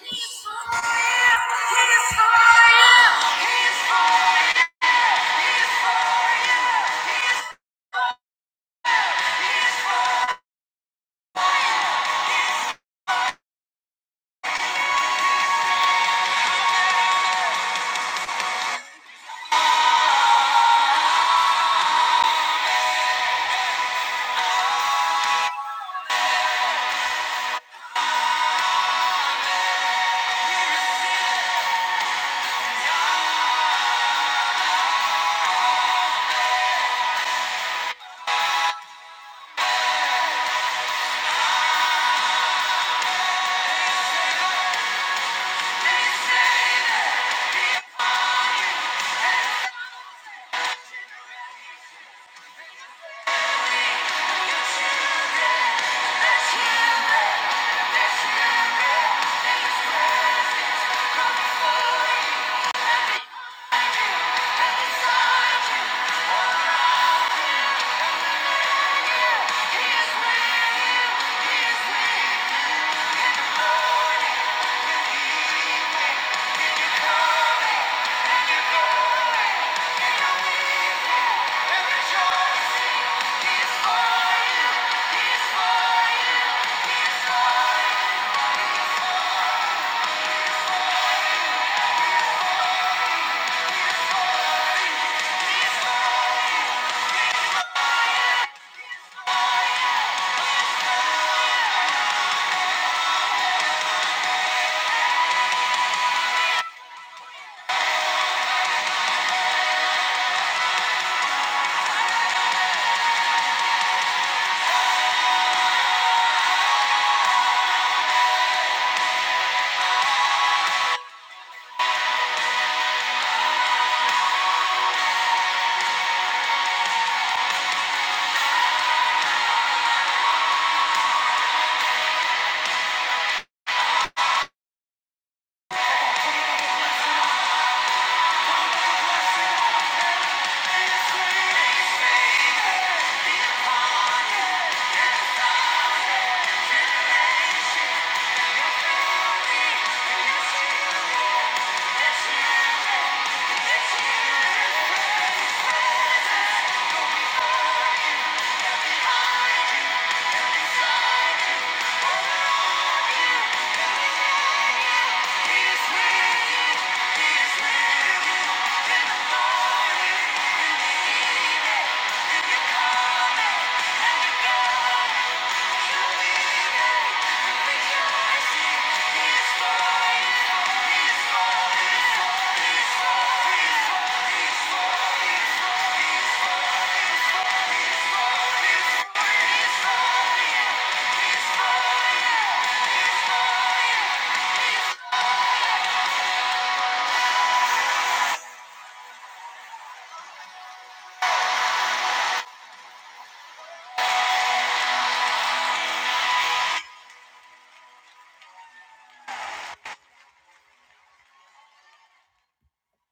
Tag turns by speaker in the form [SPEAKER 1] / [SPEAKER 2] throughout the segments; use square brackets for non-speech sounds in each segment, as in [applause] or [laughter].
[SPEAKER 1] He's for you.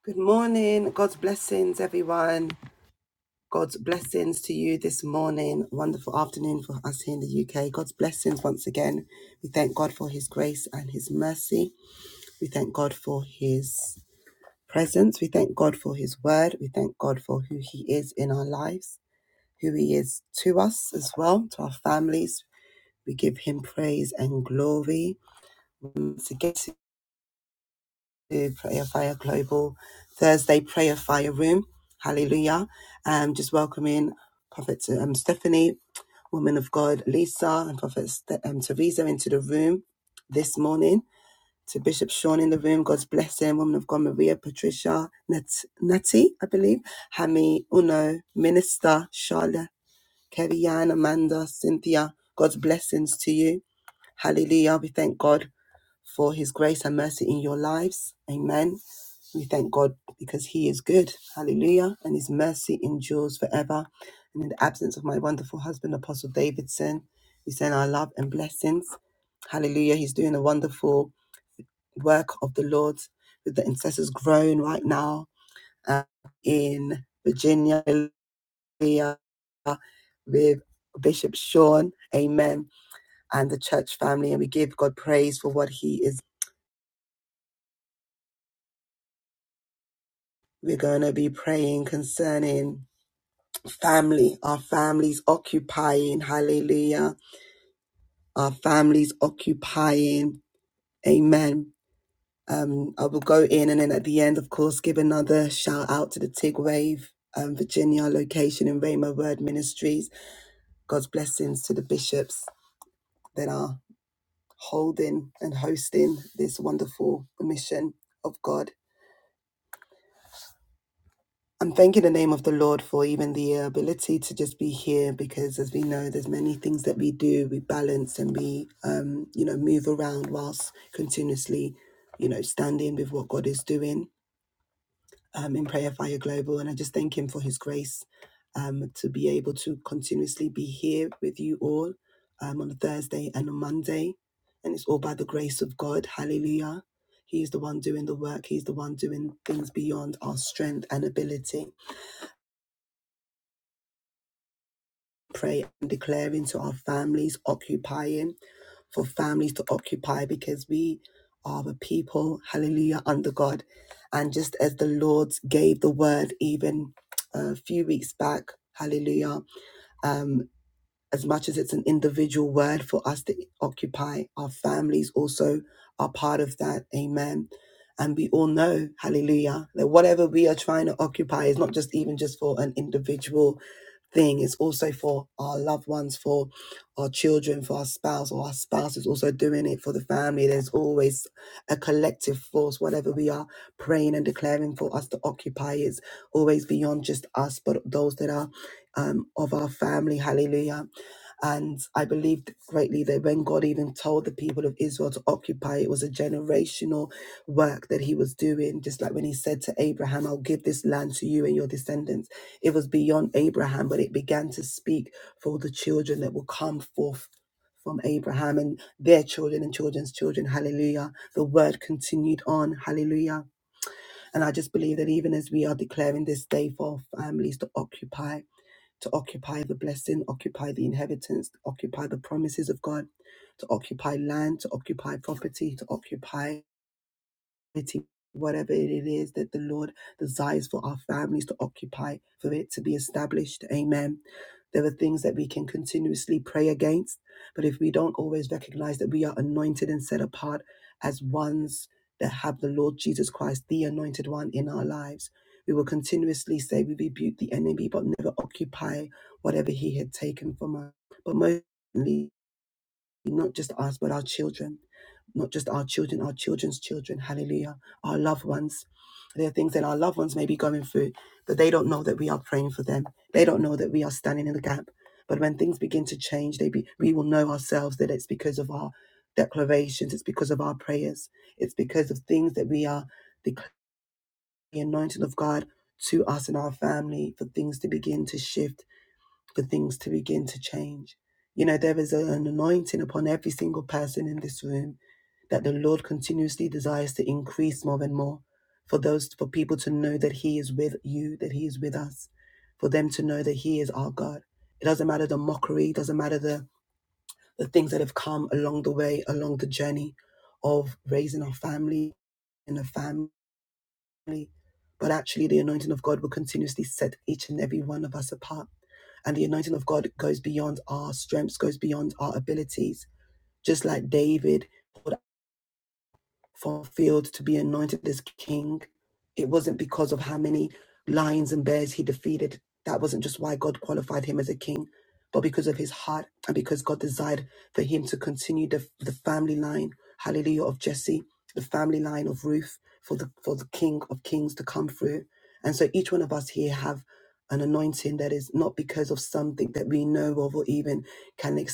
[SPEAKER 1] Good morning. God's blessings, everyone. God's blessings to you this morning. Wonderful afternoon for us here in the UK. God's blessings once again. We thank God for his grace and his mercy. We thank God for his presence. We thank God for his word. We thank God for who he is in our lives, who he is to us as well, to our families. We give him praise and glory. Once again, to Prayer Fire Global Thursday Prayer Fire Room. Hallelujah. Um, just welcoming Prophet um, Stephanie, Woman of God Lisa, and Prophet Ste- um, Teresa into the room this morning. To Bishop Sean in the room, God's blessing, Woman of God Maria, Patricia, Nat- Natty, I believe, Hami, Uno, Minister, Charlotte, Kerryanne, Amanda, Cynthia, God's blessings to you. Hallelujah. We thank God for his grace and mercy in your lives. Amen. We thank God because he is good. Hallelujah. And his mercy endures forever. And in the absence of my wonderful husband, Apostle Davidson, we send our love and blessings. Hallelujah. He's doing a wonderful work of the Lord with the intercessors grown right now uh, in Virginia, hallelujah, with Bishop Sean. Amen. And the church family. And we give God praise for what he is We're going to be praying concerning family, our families occupying, hallelujah, our families occupying, amen. Um, I will go in and then at the end, of course, give another shout out to the TIG Wave, um, Virginia location in Rhema Word Ministries. God's blessings to the bishops that are holding and hosting this wonderful mission of God. I'm thanking the name of the Lord for even the ability to just be here because as we know there's many things that we do we balance and we um you know move around whilst continuously you know standing with what God is doing um in prayer fire global and I just thank him for his grace um to be able to continuously be here with you all um on a Thursday and on Monday and it's all by the grace of God hallelujah He is the one doing the work. He's the one doing things beyond our strength and ability. pray and declare into our families occupying for families to occupy because we are the people hallelujah under god and just as the lord gave the word even a few weeks back hallelujah um as much as it's an individual word for us to occupy our families also are part of that amen and we all know hallelujah that whatever we are trying to occupy is not just even just for an individual thing is also for our loved ones, for our children, for our spouse, or our spouse is also doing it for the family. There's always a collective force, whatever we are praying and declaring for us to occupy is always beyond just us, but those that are um, of our family. Hallelujah. And I believed greatly that when God even told the people of Israel to occupy, it was a generational work that he was doing. Just like when he said to Abraham, I'll give this land to you and your descendants it was beyond Abraham, but it began to speak for the children that will come forth from Abraham and their children and children's children. Hallelujah. The word continued on. Hallelujah. And I just believe that even as we are declaring this day for families to occupy, to occupy the blessing, occupy the inheritance, occupy the promises of God, to occupy land, to occupy property, to occupy society, whatever it is that the Lord desires for our families to occupy, for it to be established. Amen. There are things that we can continuously pray against, but if we don't always recognize that we are anointed and set apart as ones that have the Lord Jesus Christ, the anointed one, in our lives, we will continuously say we rebuke the enemy, but never occupy whatever he had taken from us. But most importantly, not just us, but our children, not just our children, our children's children. Hallelujah. Our loved ones. There are things that our loved ones may be going through, but they don't know that we are praying for them. They don't know that we are standing in the gap. But when things begin to change, they be, we will know ourselves that it's because of our declarations, it's because of our prayers, it's because of things that we are declaring the anointing of God to us and our family for things to begin to shift for things to begin to change. You know, there is a- an anointing upon every single person in this room that the Lord continuously desires to increase more and more for those, for people to know that He is with you, that He is with us, for them to know that He is our God. It doesn't matter the mockery, it doesn't matter the, the things that have come along the way, along the journey of raising our family in a family but actually the anointing of God will continuously set each and every one of us apart. And the anointing of God goes beyond our strengths, goes beyond our abilities. Just like David fulfilled to be anointed as king. It wasn't because of how many lions and bears he defeated. That wasn't just why God qualified him as a king, but because of his heart and because God desired for him to continue the, the family line, hallelujah, of Jesse, the family line of Ruth, for the for the King of Kings to come through. And so each one of us here have an anointing that is not because of something that we know of or even can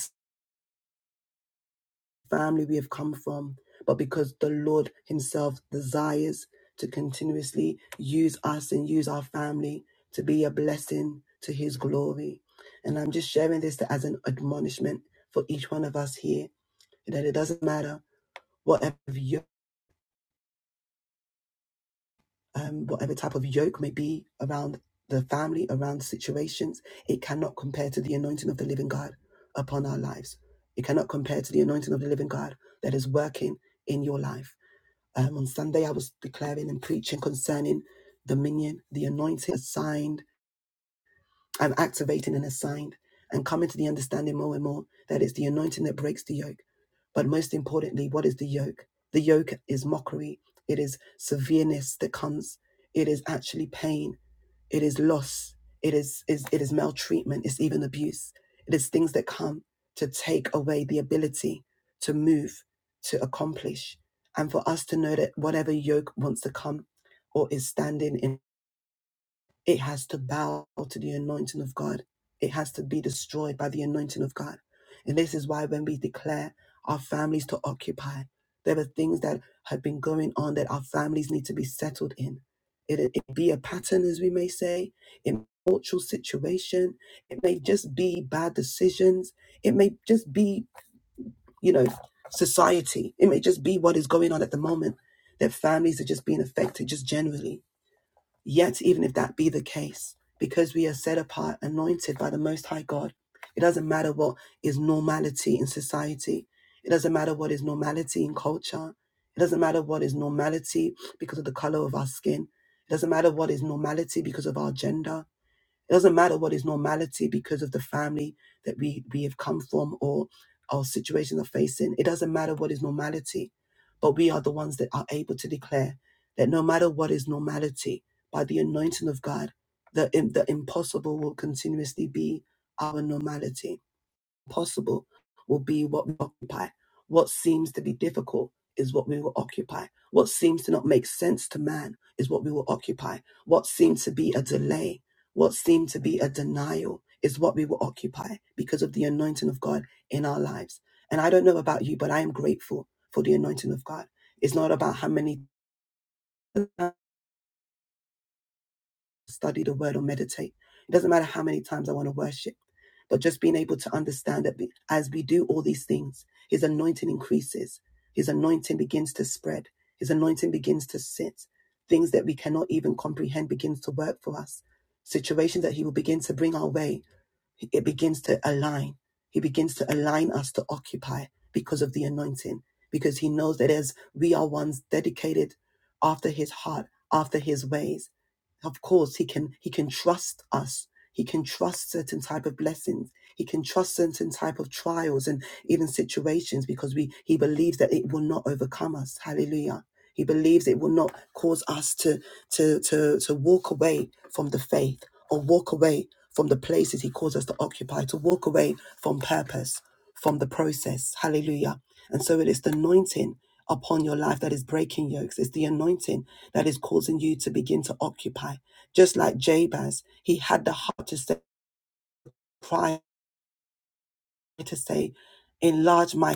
[SPEAKER 1] family we have come from, but because the Lord Himself desires to continuously use us and use our family to be a blessing to His glory. And I'm just sharing this as an admonishment for each one of us here that it doesn't matter whatever yoke, um, whatever type of yoke may be around the family, around situations, it cannot compare to the anointing of the living God upon our lives. It cannot compare to the anointing of the living God that is working in your life Um, on Sunday, I was declaring and preaching concerning dominion, the anointing assigned. I'm activating and assigned and coming to the understanding more and more that it's the anointing that breaks the yoke. But most importantly, what is the yoke? The yoke is mockery, it is severeness that comes, it is actually pain it is loss. It is, is it is maltreatment. It's even abuse. It is things that come to take away the ability to move, to accomplish, and for us to know that whatever yoke wants to come or is standing in it has to bow to the anointing of God. It has to be destroyed by the anointing of God. And this is why when we declare our families to occupy, there are things that have been going on that our families need to be settled in. It, it be a pattern, as we may say, in cultural situation. It may just be bad decisions. It may just be, you know, society. It may just be what is going on at the moment that families are just being affected just generally Yet, even if that be the case, because we are set apart, anointed by the Most High God, it doesn't matter what is normality in society. It doesn't matter what is normality in culture. It doesn't matter what is normality because of the color of our skin. It doesn't matter what is normality because of our gender. It doesn't matter what is normality because of the family that we, we have come from or our situation of facing. It doesn't matter what is normality, but we are the ones that are able to declare that no matter what is normality, by the anointing of God, the, the impossible will continuously be our normality possible will be what we occupy. What seems to be difficult is what we will occupy. What seems to not make sense to man is what we will occupy. What seems to be a delay, what seemed to be a denial is what we will occupy because of the anointing of God in our lives. And I don't know about you, but I am grateful for the anointing of God. It's not about how many study the word or meditate. It doesn't matter how many times I want to worship, but just being able to understand that as we do all these things, his anointing increases, his anointing begins to spread, his anointing begins to sit. Things that we cannot even comprehend begins to work for us. Situations that he will begin to bring our way it begins to align. He begins to align us to occupy because of the anointing, because he knows that as we are ones dedicated after his heart, after his ways, of course he can he can trust us. He can trust certain type of blessings. He can trust certain type of trials and even situations because we he believes that it will not overcome us. Hallelujah. He believes it will not cause us to to to to walk away from the faith or walk away from the places He calls us to occupy, to walk away from purpose, from the process. Hallelujah. And so it is the anointing upon your life that is breaking yokes. It's the anointing that is causing you to begin to occupy. Just like Jabez, he had the heart to say, cry, to say, enlarge my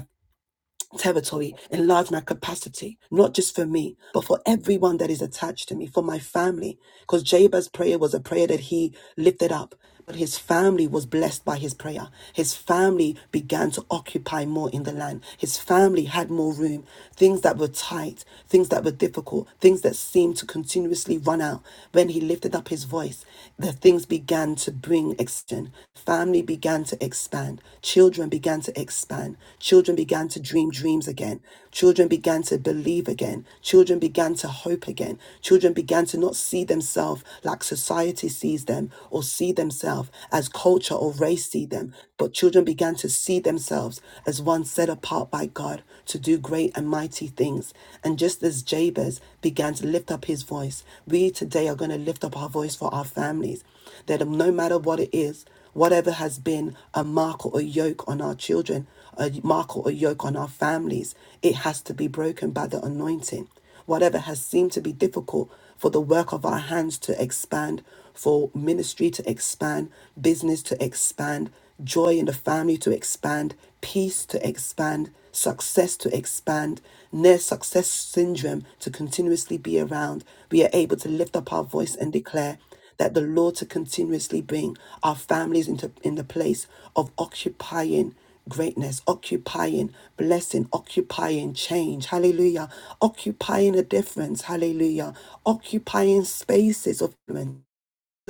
[SPEAKER 1] territory, enlarge my capacity, not just for me, but for everyone that is attached to me, for my family. Because Jabez's prayer was a prayer that he lifted up, but his family was blessed by his prayer. His family began to occupy more in the land. His family had more room. Things that were tight, things that were difficult, things that seemed to continuously run out. When he lifted up his voice, the things began to bring family extend. Family began to expand. Children began to expand. Children began to dream dreams again. Children began to believe again. Children began to hope again. Children began to not see themselves like society sees them or see themselves as culture or race see them, but children began to see themselves as one set apart by God to do great and mighty things. And just as Jabez, began to lift up his voice. We today are going to lift up our voice for our families. That no matter what it is, whatever has been a mark or a yoke on our children, a mark or a yoke on our families, it has to be broken by the anointing. Whatever has seemed to be difficult for the work of our hands to expand, for ministry to expand, business to expand, joy in the family to expand, peace to expand success to expand, near success syndrome to continuously be around, we are able to lift up our voice and declare that the Lord to continuously bring our families into in the place of occupying greatness, occupying blessing, occupying change. Hallelujah. Occupying a difference. Hallelujah. Occupying spaces of influence.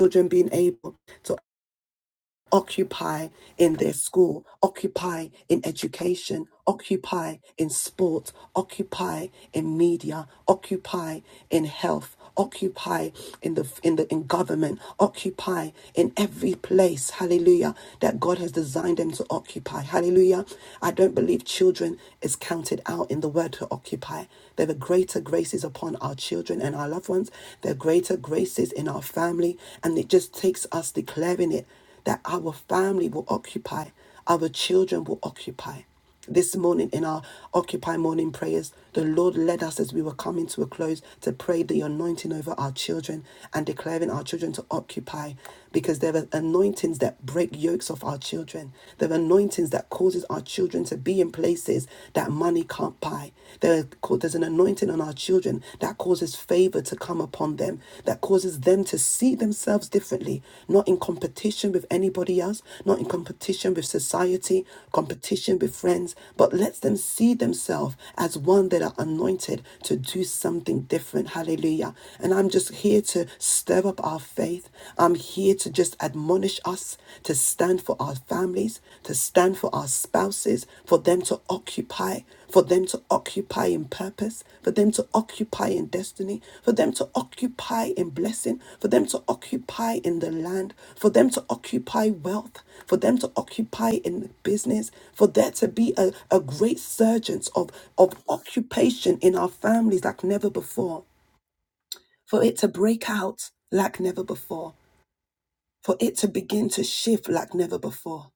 [SPEAKER 1] Children being able to occupy in their school, occupy in education, occupy in sport, occupy in media, occupy in health, occupy in the in the in government, occupy in every place, hallelujah, that God has designed them to occupy. Hallelujah. I don't believe children is counted out in the word to occupy. There are greater graces upon our children and our loved ones. There are greater graces in our family. And it just takes us declaring it that our family will occupy, our children will occupy. This morning in our Occupy morning prayers, the Lord led us as we were coming to a close to pray the anointing over our children and declaring our children to occupy because there are anointings that break yokes off our children. There are anointings that causes our children to be in places that money can't buy. There, there's an anointing on our children, that causes favor to come upon them, that causes them to see themselves differently, not in competition with anybody else, not in competition with society, competition with friends, but lets them see themselves as one that are anointed to do something different. Hallelujah. And I'm just here to stir up our faith. I'm here to just admonish us to stand for our families, to stand for our spouses, for them to occupy for them to occupy in purpose, for them to occupy in destiny, for them to occupy in blessing, for them to occupy in the land, for them to occupy wealth, for them to occupy in business, for there to be a, a great surgence of, of occupation in our families like never before, for it to break out like never before, for it to begin to shift like never before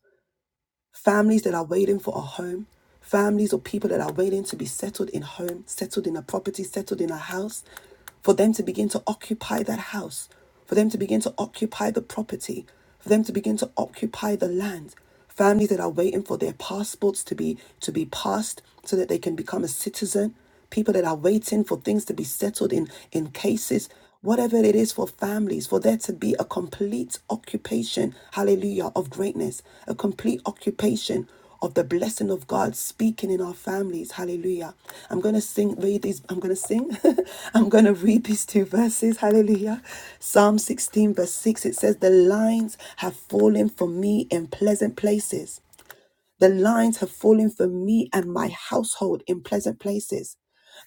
[SPEAKER 1] families that are waiting for a home, families or people that are waiting to be settled in home, settled in a property, settled in a house, for them to begin to occupy that house, for them to begin to occupy the property, for them to begin to occupy the land. Families that are waiting for their passports to be to be passed so that they can become a citizen people that are waiting for things to be settled in in cases whatever it is for families for there to be a complete occupation hallelujah of greatness a complete occupation of the blessing of God speaking in our families. Hallelujah. I'm going to sing, read these, I'm going to sing, [laughs] I'm going to read these two verses. Hallelujah. Psalm 16, verse 6, it says, The lines have fallen for me in pleasant places. The lines have fallen for me and my household in pleasant places.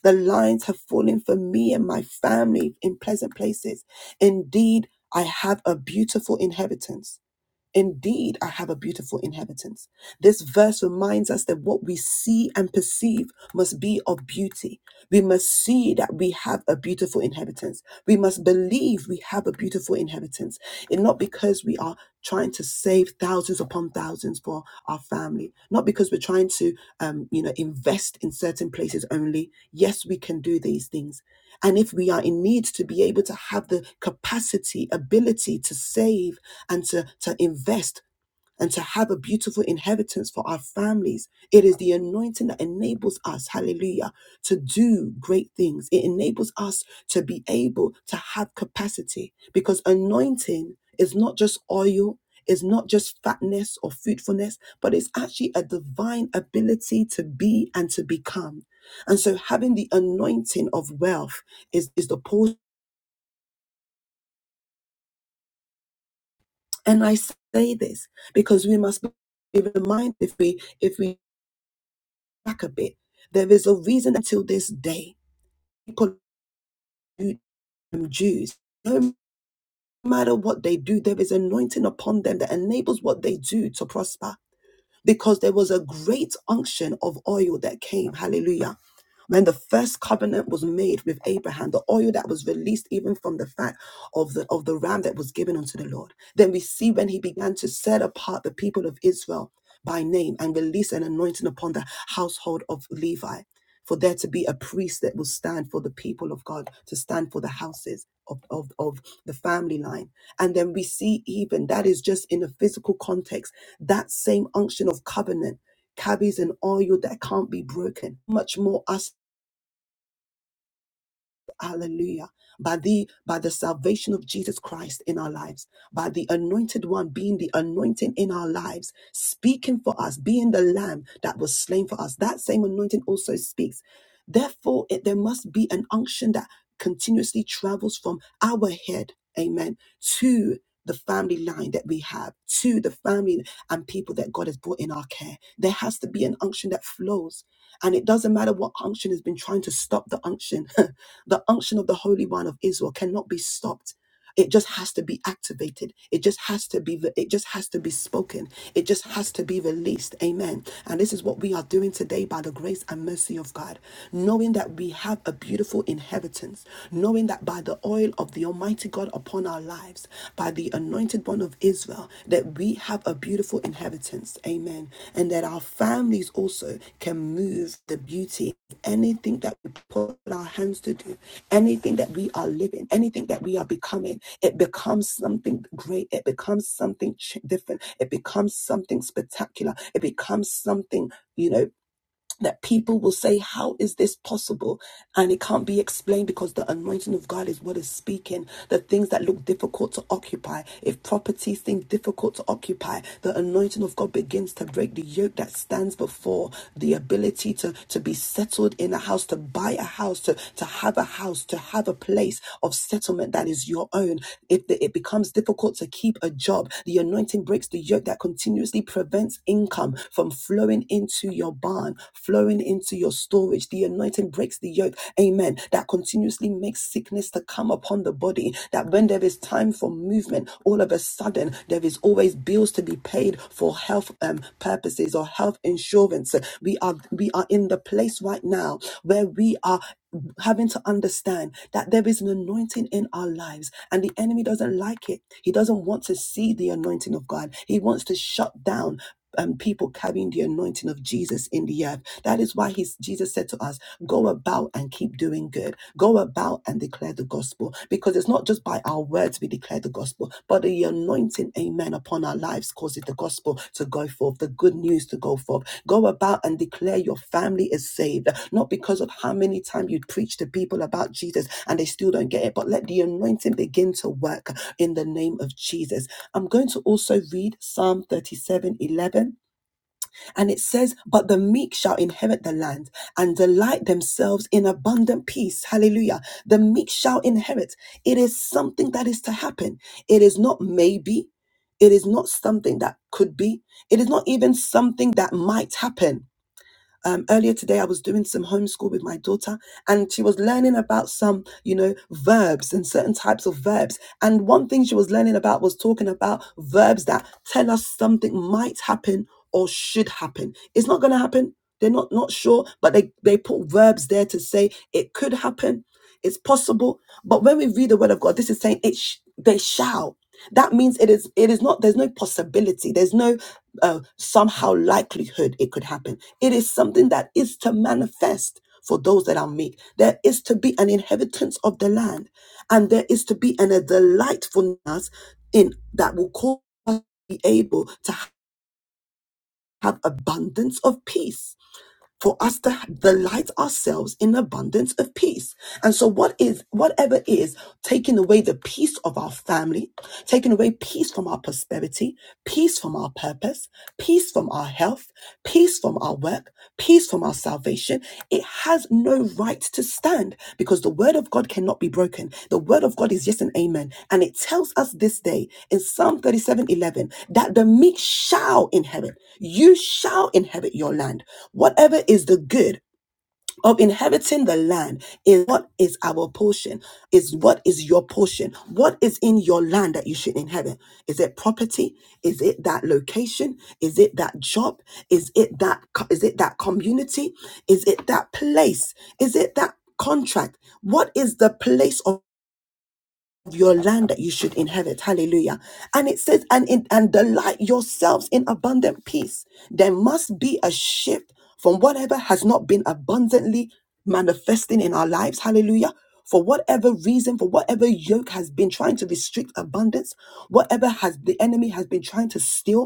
[SPEAKER 1] The lines have fallen for me and my family in pleasant places. Indeed, I have a beautiful inheritance. Indeed, I have a beautiful inheritance. This verse reminds us that what we see and perceive must be of beauty. We must see that we have a beautiful inheritance. We must believe we have a beautiful inheritance. And not because we are trying to save thousands upon thousands for our family, not because we're trying to, um, you know, invest in certain places only. Yes, we can do these things. And if we are in need to be able to have the capacity, ability to save and to, to invest and to have a beautiful inheritance for our families. It is the anointing that enables us, hallelujah, to do great things. It enables us to be able to have capacity because anointing is not just oil, is not just fatness or fruitfulness, but it's actually a divine ability to be and to become. And so having the anointing of wealth is, is the portion. And I say this because we must be reminded if we if we back a bit, there is a reason until this day people who are Jews, no matter what they do, there is anointing upon them that enables what they do to prosper. Because there was a great unction of oil that came. Hallelujah When the first covenant was made with Abraham, the oil that was released even from the fat of the of the ram that was given unto the Lord. Then we see when he began to set apart the people of Israel by name and release an anointing upon the household of Levi, for there to be a priest that will stand for the people of God, to stand for the houses of, of, of the family line. And then we see even that is just in a physical context, that same unction of covenant carries an oil that can't be broken. Much more us Hallelujah. By the by the salvation of Jesus Christ in our lives, by the anointed one being the anointing in our lives, speaking for us, being the lamb that was slain for us. That same anointing also speaks. Therefore, it, there must be an unction that continuously travels from our head, amen, to the family line that we have, to the family and people that God has brought in our care. There has to be an unction that flows and it doesn't matter what unction has been trying to stop the unction, [laughs] the unction of the Holy One of Israel cannot be stopped. It just has to be activated. It just has to be it just has to be spoken. It just has to be released. Amen. And this is what we are doing today by the grace and mercy of God, knowing that we have a beautiful inheritance, knowing that by the oil of the almighty God upon our lives lives by the anointed one of Israel, that we have a beautiful inheritance. Amen. And that our families also can move the beauty. Anything that we put our hands to do, anything that we are living, anything that we are becoming, it becomes something great. It becomes something different. It becomes something spectacular. It becomes something, you know, that people will say, How is this possible? And it can't be explained because the anointing of God is what is speaking. The things that look difficult to occupy, if property seems difficult to occupy, the anointing of God begins to break the yoke that stands before the ability to, to be settled in a house, to buy a house, to, to have a house, to have a place of settlement that is your own. If the, it becomes difficult to keep a job, the anointing breaks the yoke that continuously prevents income from flowing into your barn, flowing into your storage. The anointing breaks the yoke, amen, that continuously makes sickness to come upon the body. That when there is time for movement, all of a sudden there is always bills to be paid for health um, purposes or health insurance. We are we are in the place right now where we are having to understand understand that there is an anointing in our lives and the enemy doesn't like it. He doesn't want to see the anointing of God. He wants to shut down um, people carrying the anointing of Jesus in the earth. That is why he's, Jesus said to us, go about and keep doing good. Go about and declare the gospel because it's not just by our words we declare the gospel, but the anointing, amen, upon our lives causes the gospel to go forth, the good news to go forth. Go about and declare your family is saved, not because of how many times you preach to people about Jesus and they still don't get it, but let the anointing begin to work in the name of Jesus. I'm going to also read Psalm 37:11, and it says, But the meek shall inherit the land and delight themselves in abundant peace. Hallelujah. The meek shall inherit. It is something that is to happen, it is not maybe. It is not something that could be. It is not even something that might happen um, earlier today, I was doing some homeschool with my daughter, and she was learning about some, you know, verbs and certain types of verbs. And one thing she was learning about was talking about verbs that tell us something might happen or should happen. It's not going to happen. They're not not sure, but they they put verbs there to say it could happen, it's possible. But when we read the word of God, this is saying it. Sh- they shall that means it is it is not there's no possibility there's no uh, somehow likelihood it could happen it is something that is to manifest for those that are meek there is to be an inheritance of the land and there is to be an, a delightfulness in that will cause us to be able to have abundance of peace for us to delight ourselves in abundance of peace and so what is whatever is taking away the peace of our family taking away peace from our prosperity, peace from our purpose, peace from our health, peace from our work, peace from our salvation. It has no right to stand because the word of God cannot be broken. The word of God is yes and amen. And it tells us this day in Psalm 37 11 that the meek shall inherit. You shall inherit your land. Whatever is the good of inheriting the land is what is our portion is what is your portion what is in your land that you should inherit is it property is it that location is it that job is it that co- is it that community is it that place is it that contract what is the place of your land that you should inherit. Hallelujah. And it says, and in, and delight yourselves in abundant peace. There must be a shift from whatever has not been abundantly manifesting in our lives. Hallelujah. For whatever reason, for whatever yoke has been trying to restrict abundance, whatever has the enemy has been trying to steal,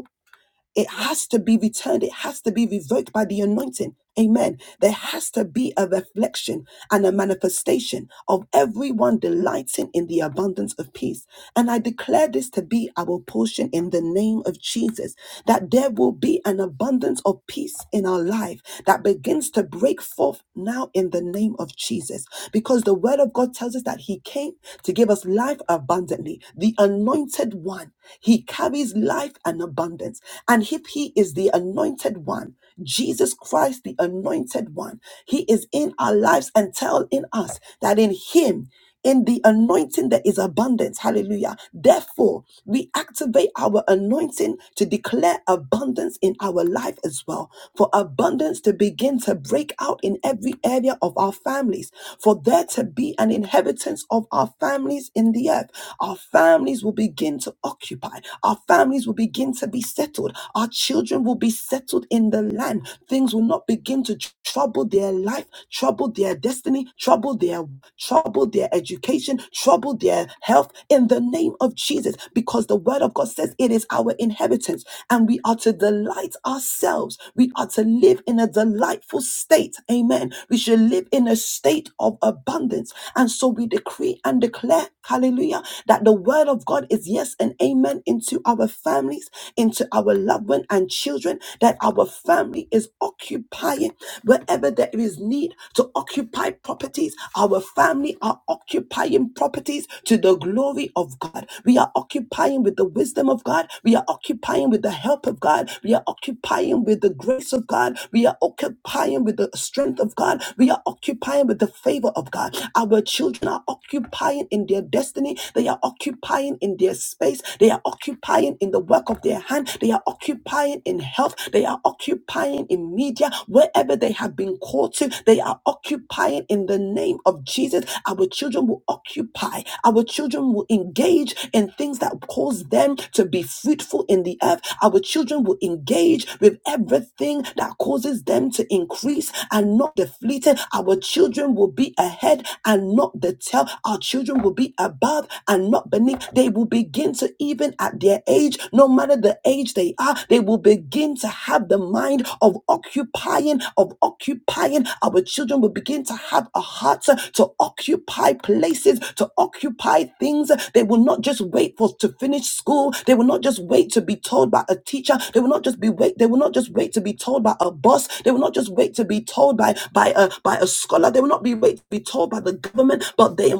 [SPEAKER 1] it has to be returned. It has to be revoked by the anointing. Amen. There has to be a reflection and a manifestation of everyone delighting in the abundance of peace. And I declare this to be our portion in the name of Jesus, that there will be an abundance of peace in our life that begins to break forth now in the name of Jesus because the word of God tells us that he came to give us life abundantly. The anointed one, he carries life and abundance. And if he is the anointed one, Jesus Christ, the anointed one, he is in our lives and tell in us that in him in the anointing there is abundance. Hallelujah. Therefore, we activate our anointing to declare abundance in our life as well. For abundance to begin to break out in every area of our families. For there to be an inheritance of our families in the earth. Our families will will begin to occupy. Our families will begin to be settled. Our children will be settled in the land. Things will not begin to tr- trouble their life, trouble their destiny, trouble their trouble their education, trouble their health in the name of Jesus because the word of God says it is our inheritance and we are to delight ourselves. We are to live in a delightful state. Amen. We should live in a state of abundance. And so we decree and declare, hallelujah, that the word of God is yes and amen into our families, into our loved one and children, that our family is occupied wherever there is need to occupy properties. Our family are occupying properties to the glory of God. We are occupying with the wisdom of God. We are occupying with the help of God. We are occupying with the grace of God. We are occupying with the strength of God. We are occupying with the favor of God. Our children are occupying in their destiny. They are occupying in their space. They are occupying in the work of their hand. They are occupying occupying in health, they are occupying in media, wherever they have been called to, they are occupying in the name of Jesus. Our children will occupy, our children will engage in things that cause them to be fruitful in the earth. Our children will engage with everything that causes them to increase and not deflated. Our children will be ahead and not the tail. Our children will be above and not beneath. They will begin to to, even at their age, no matter the age they are, they will begin to have the mind of occupying, of occupying. Our children will begin to have a heart to occupy places, to occupy things. They will not just wait for to finish school. They will not just wait to be told by a teacher. They will not just be wait. They will not just wait to be told by a boss. They will not just wait to be told by by a by a scholar. They will not be wait to be told by the government, but they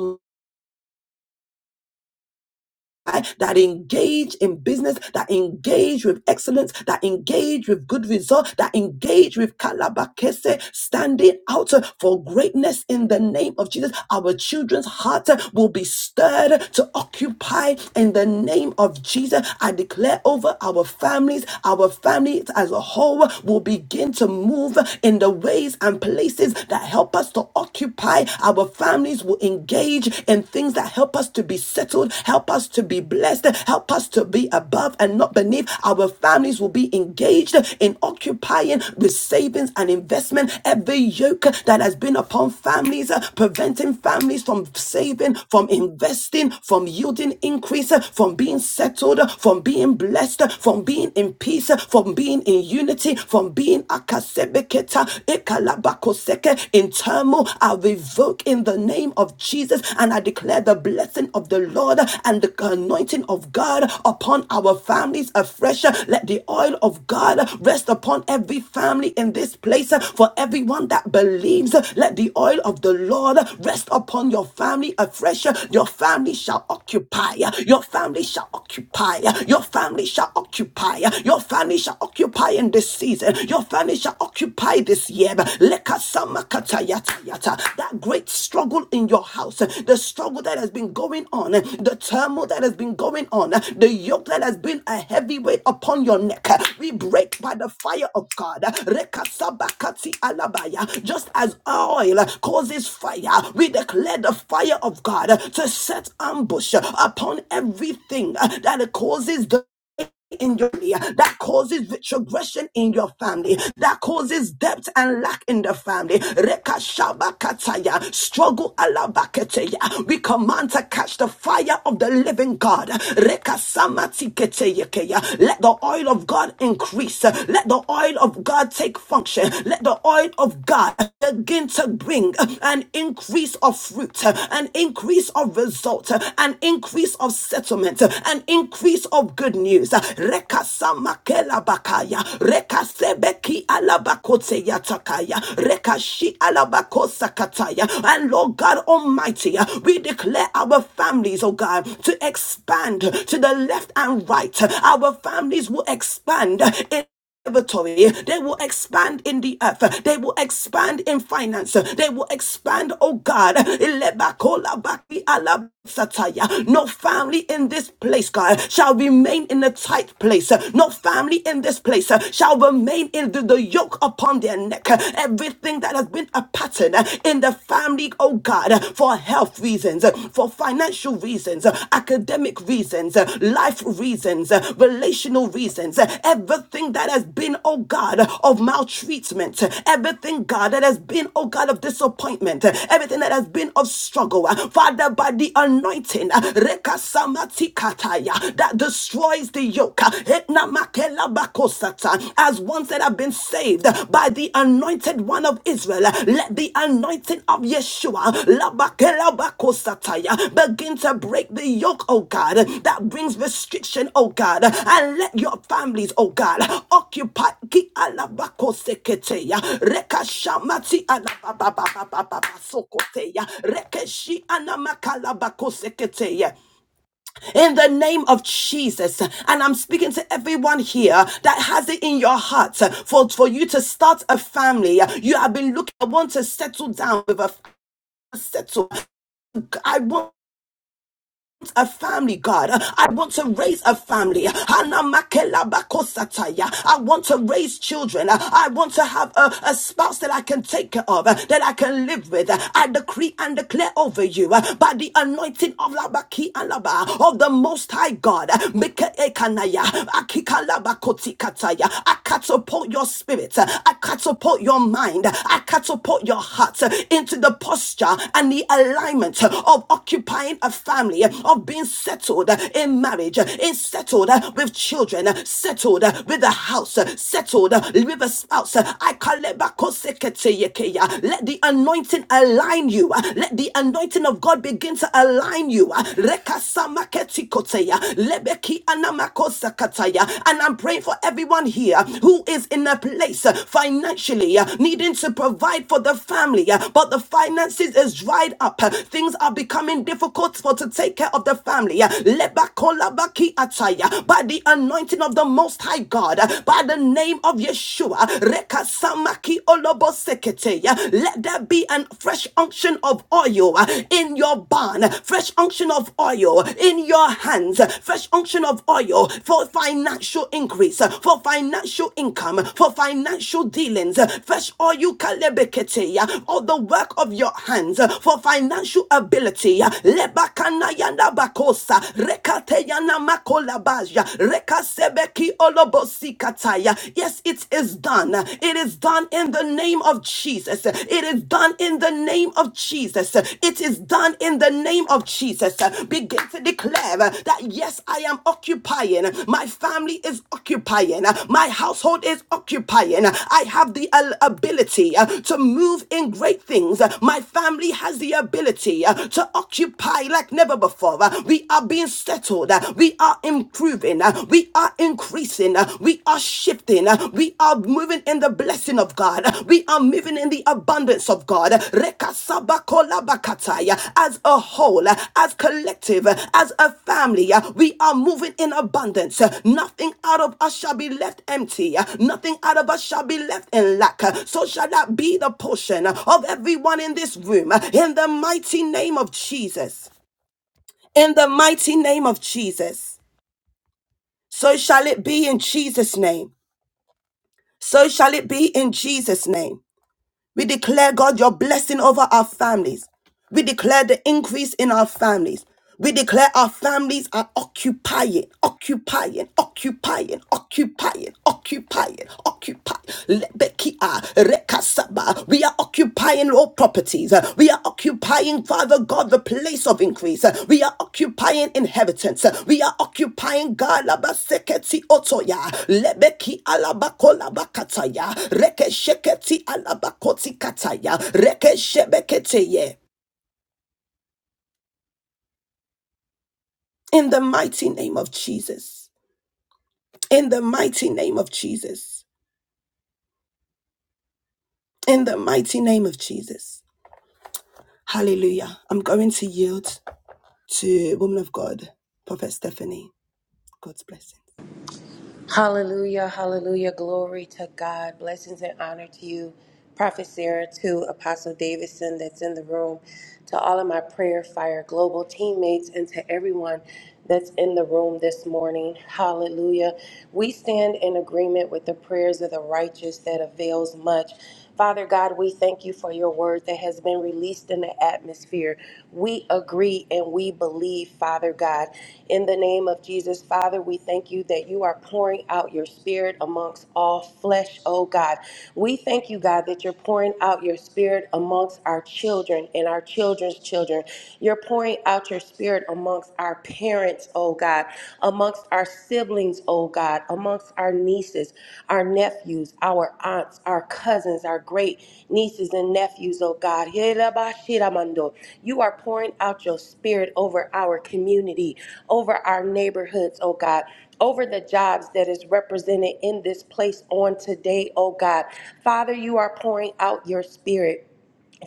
[SPEAKER 1] that engage in business, that engage with excellence, that engage with good result, that engage with kalabakese, standing out uh, for greatness in the name of Jesus. Our children's hearts uh, will be stirred to occupy in the name of Jesus. I declare over our families, our families as a whole will begin to move in the ways and places that help us to occupy. Our families will engage engage in things that help us to be settled, help us to be blessed, help us to be above and not beneath. Our families will be engaged in occupying with savings and investment every yoke that has been upon families, uh, preventing families from saving, from investing, from yielding increase, uh, from being settled, uh, from being blessed, uh, from being in peace, uh, from being in unity, from being akasebeketa, ekalabakoseke in turmoil, I revoke in the name of Jesus and I declare the blessing of the Lord and the anointing of God upon our families afresh. Let the oil of God rest upon every family in this place for everyone that believes. Let the oil of the Lord rest upon your family afresh. Your family shall occupy. Your family shall occupy. Your family shall occupy. Your family shall occupy in this season families. Your family shall occupy this year. Lekasamakatayatayata. That great struggle in your house, the struggle that has been going on, the turmoil that has been going on, the yoke that has been a heavy weight upon your neck. We break by the fire of God. Rekasabakati alabaya. Just as oil causes fire, we declare the fire of God to set ambush upon everything that causes the in your family, that causes retrogression in your family, that causes debt and lack in the family. Rekashabakataya, struggle alabaketeya. We command to catch the fire of the living God. Rekasamatigeteyekeya. Let the oil of God increase. Let the oil of God take function. Let the oil of God begin to bring an increase of of fruit, uh, an increase of result, uh, an increase of settlement, uh, an increase of good news. Uh, Rekasamakela bakaya, rekasebeki alabakote yatakaya, rekashi alabakosa kataya. And Lord God Almighty, uh, we declare our families, oh God, to expand to the left and right. Our families will expand in they will expand in the earth. They will expand in finance. They will expand, oh God. No family in this place, God, shall remain in a tight place. No family in this place shall remain in the, the yoke upon their neck. Everything that has been a pattern in the family, oh God, for health reasons, for for financial reasons, uh, academic reasons, uh, life reasons, uh, relational reasons, uh, everything that has been, oh God, of maltreatment, uh, everything, God, that has been, oh God, of disappointment, uh, everything that has been of struggle. uh, Father, by the anointing, uh, Rekasamatikataya, that destroys the yoke, uh, Hetnamakela bakosata, as ones that have been set saved by the anointed one of Israel. Let the anointing of Yeshua begin to break the yoke, oh God, that brings restriction, oh God, and let your families, oh God, occupy ki alabakoseketeya, rekashamati alabababababababasokoteya, rekeshi anamakalabakos in the name of Jesus. And I'm speaking to everyone here that has it in your heart for, for you to start a family. You have been looking, I want to settle down with a settle. I want want a family, God. I want to raise a family. Hanamakelamakosataya. I want to raise children. I want to have a, a spouse that I can take care of, that I can live with. I decree and declare over you by the anointing of Labaki and Laba of the Most High God. Mikaekanaya, Akikalabakotikataya. I catapult your spirit. I catapult your mind. I catapult your heart into the posture and the alignment of occupying a family of being settled uh, in marriage, uh, is settled uh, with children, uh, settled uh, with a house, uh, settled uh, with a spouse. uh, I call it back, oh, sekete Let the anointing align you. uh, Let the anointing of God begin to align you. uh, rekasamaketi koteya, lebeki anamakosakataya. And I'm praying for everyone here who is in a place uh, financially uh, needing to provide for the family, uh, but the finances is dried up. uh, Things are becoming difficult for to take take care of the family. uh, lebakolabaki ataya, By the anointing of the Most High God, uh, by the name of Yeshua, rekasamaki olobosekete, uh, let there be a fresh unction of oil uh, in your barn, uh, fresh unction of oil in your hands, uh, fresh unction of oil for financial increase, uh, for financial income, for financial dealings, uh, fresh oil kalebekete, uh, all the work of your hands uh, for financial ability. uh, Rekana yana bakosa. Rekate yana makolabaja. Rekasebeki olobosi kataya. Yes, it is done. It is done in the name of Jesus. It is done in the name of Jesus. It is done in the name of Jesus. Begin to declare that yes, I am occupying. My family is occupying. My household is occupying. I have the al- ability uh, to move in great things. My family has the ability uh, to occupy like never before. Uh, We are being settled. Uh, We are improving. Uh, We are increasing. Uh, We are shifting. Uh, We are moving in the blessing of God. Uh, We are moving in the abundance of God. Rekasabakolabakatai. Uh, As a whole, uh, as collective, uh, as a family, uh, we are moving in abundance. Uh, Nothing out of us shall be left empty. Uh, Nothing out of us shall be left in lack. Uh, So shall that be the portion uh, of everyone in this room. uh, In the mighty name of Jesus in the mighty name of Jesus. So shall it be in Jesus' name. So shall it be in Jesus' name. We declare, God, your blessing over our families. We declare the increase in our families. We declare our families are occupying, occupying, occupying, occupying, occupying, occupying. Lebekia, rekasaba. We are occupying properties. Uh, We are occupying, Father God, the place of increase. Uh, We are occupying inheritance. Uh, We are occupying Galabaseketi Otoya, Lebeki Alabakolabakataya, Rekesheketi Alabakoti Kataya, Rekeshebeketeye. In the mighty name of Jesus. In the mighty name of Jesus. In the mighty name of Jesus. Hallelujah. I'm going to yield to woman of God, Prophet Stephanie. God's blessing.
[SPEAKER 2] Hallelujah, hallelujah. Glory to God. Blessings and honor to you, Prophet Sarah, to Apostle Davidson that's in the room, to all of my prayer fire global teammates, and to everyone that's in the room this morning. Hallelujah. We stand in agreement with the prayers of the righteous that avails much. Father God, we thank you for your word that has been released in the atmosphere. We agree and we believe, Father God. In the name of Jesus, Father, we thank you that you are pouring out your spirit amongst all flesh, oh God. We thank you, God, that you're pouring out your spirit amongst our children and our children's children. You're pouring out your spirit amongst our parents, oh God amongst our siblings, oh God, amongst our nieces, our nephews, our aunts, our cousins, our great nieces and nephews, oh God. Helabashiramando. You are pouring out your spirit over our community, over our neighborhoods, oh God. Over the jobs that is represented in this place on today, oh God. Father, you are pouring out your spirit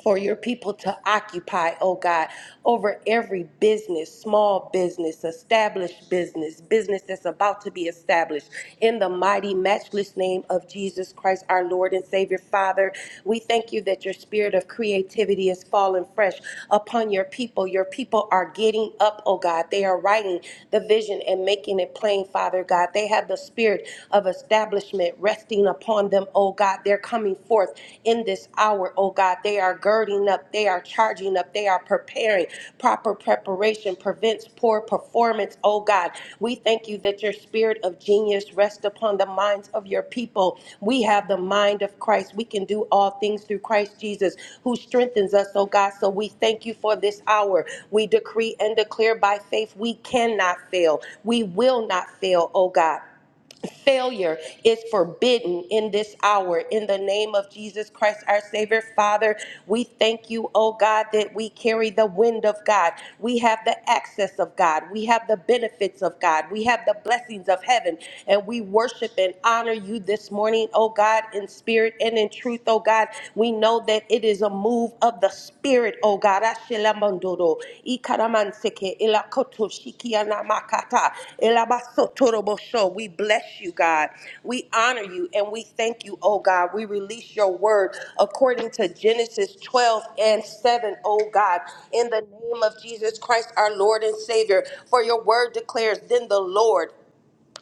[SPEAKER 2] for your people to occupy, oh God, over every business, small business, established business, business that's about to be established. In the mighty, matchless name of Jesus Christ, our Lord and Savior, Father, we thank you that your spirit of creativity is falling fresh upon your people. Your people are getting up, oh God. They are writing the vision and making it plain, Father God. They have the spirit of establishment resting upon them, oh oh God, they're coming forth in this hour, oh God. They are girding up, they are charging up, they are preparing. Proper preparation prevents poor performance, oh God. We thank you that your spirit of genius rests upon the minds of your people. We have the mind of Christ. We can do all things through Christ Jesus who strengthens us, oh God. So we thank you for this hour. We decree and declare by faith we cannot fail. We will not fail, oh God failure is forbidden in this hour. In the name of Jesus Christ, our Savior, Father, we thank you, oh God, that we carry the wind of God. We have the access of God. We have the benefits of God. We have the blessings of heaven. And we worship and honor you this morning, oh God, in spirit and in truth, oh God. We know that it is a move of the spirit, oh God. Ashilamandoro, Ikaramantseke, Elakoto, Shikianamakata, Elabasotorobosho. We bless you, God. We honor you and we thank you, oh God. We release your word according to Genesis 12 and 7, O God, in the name of Jesus Christ, our Lord and Savior. For your word declares, Then the Lord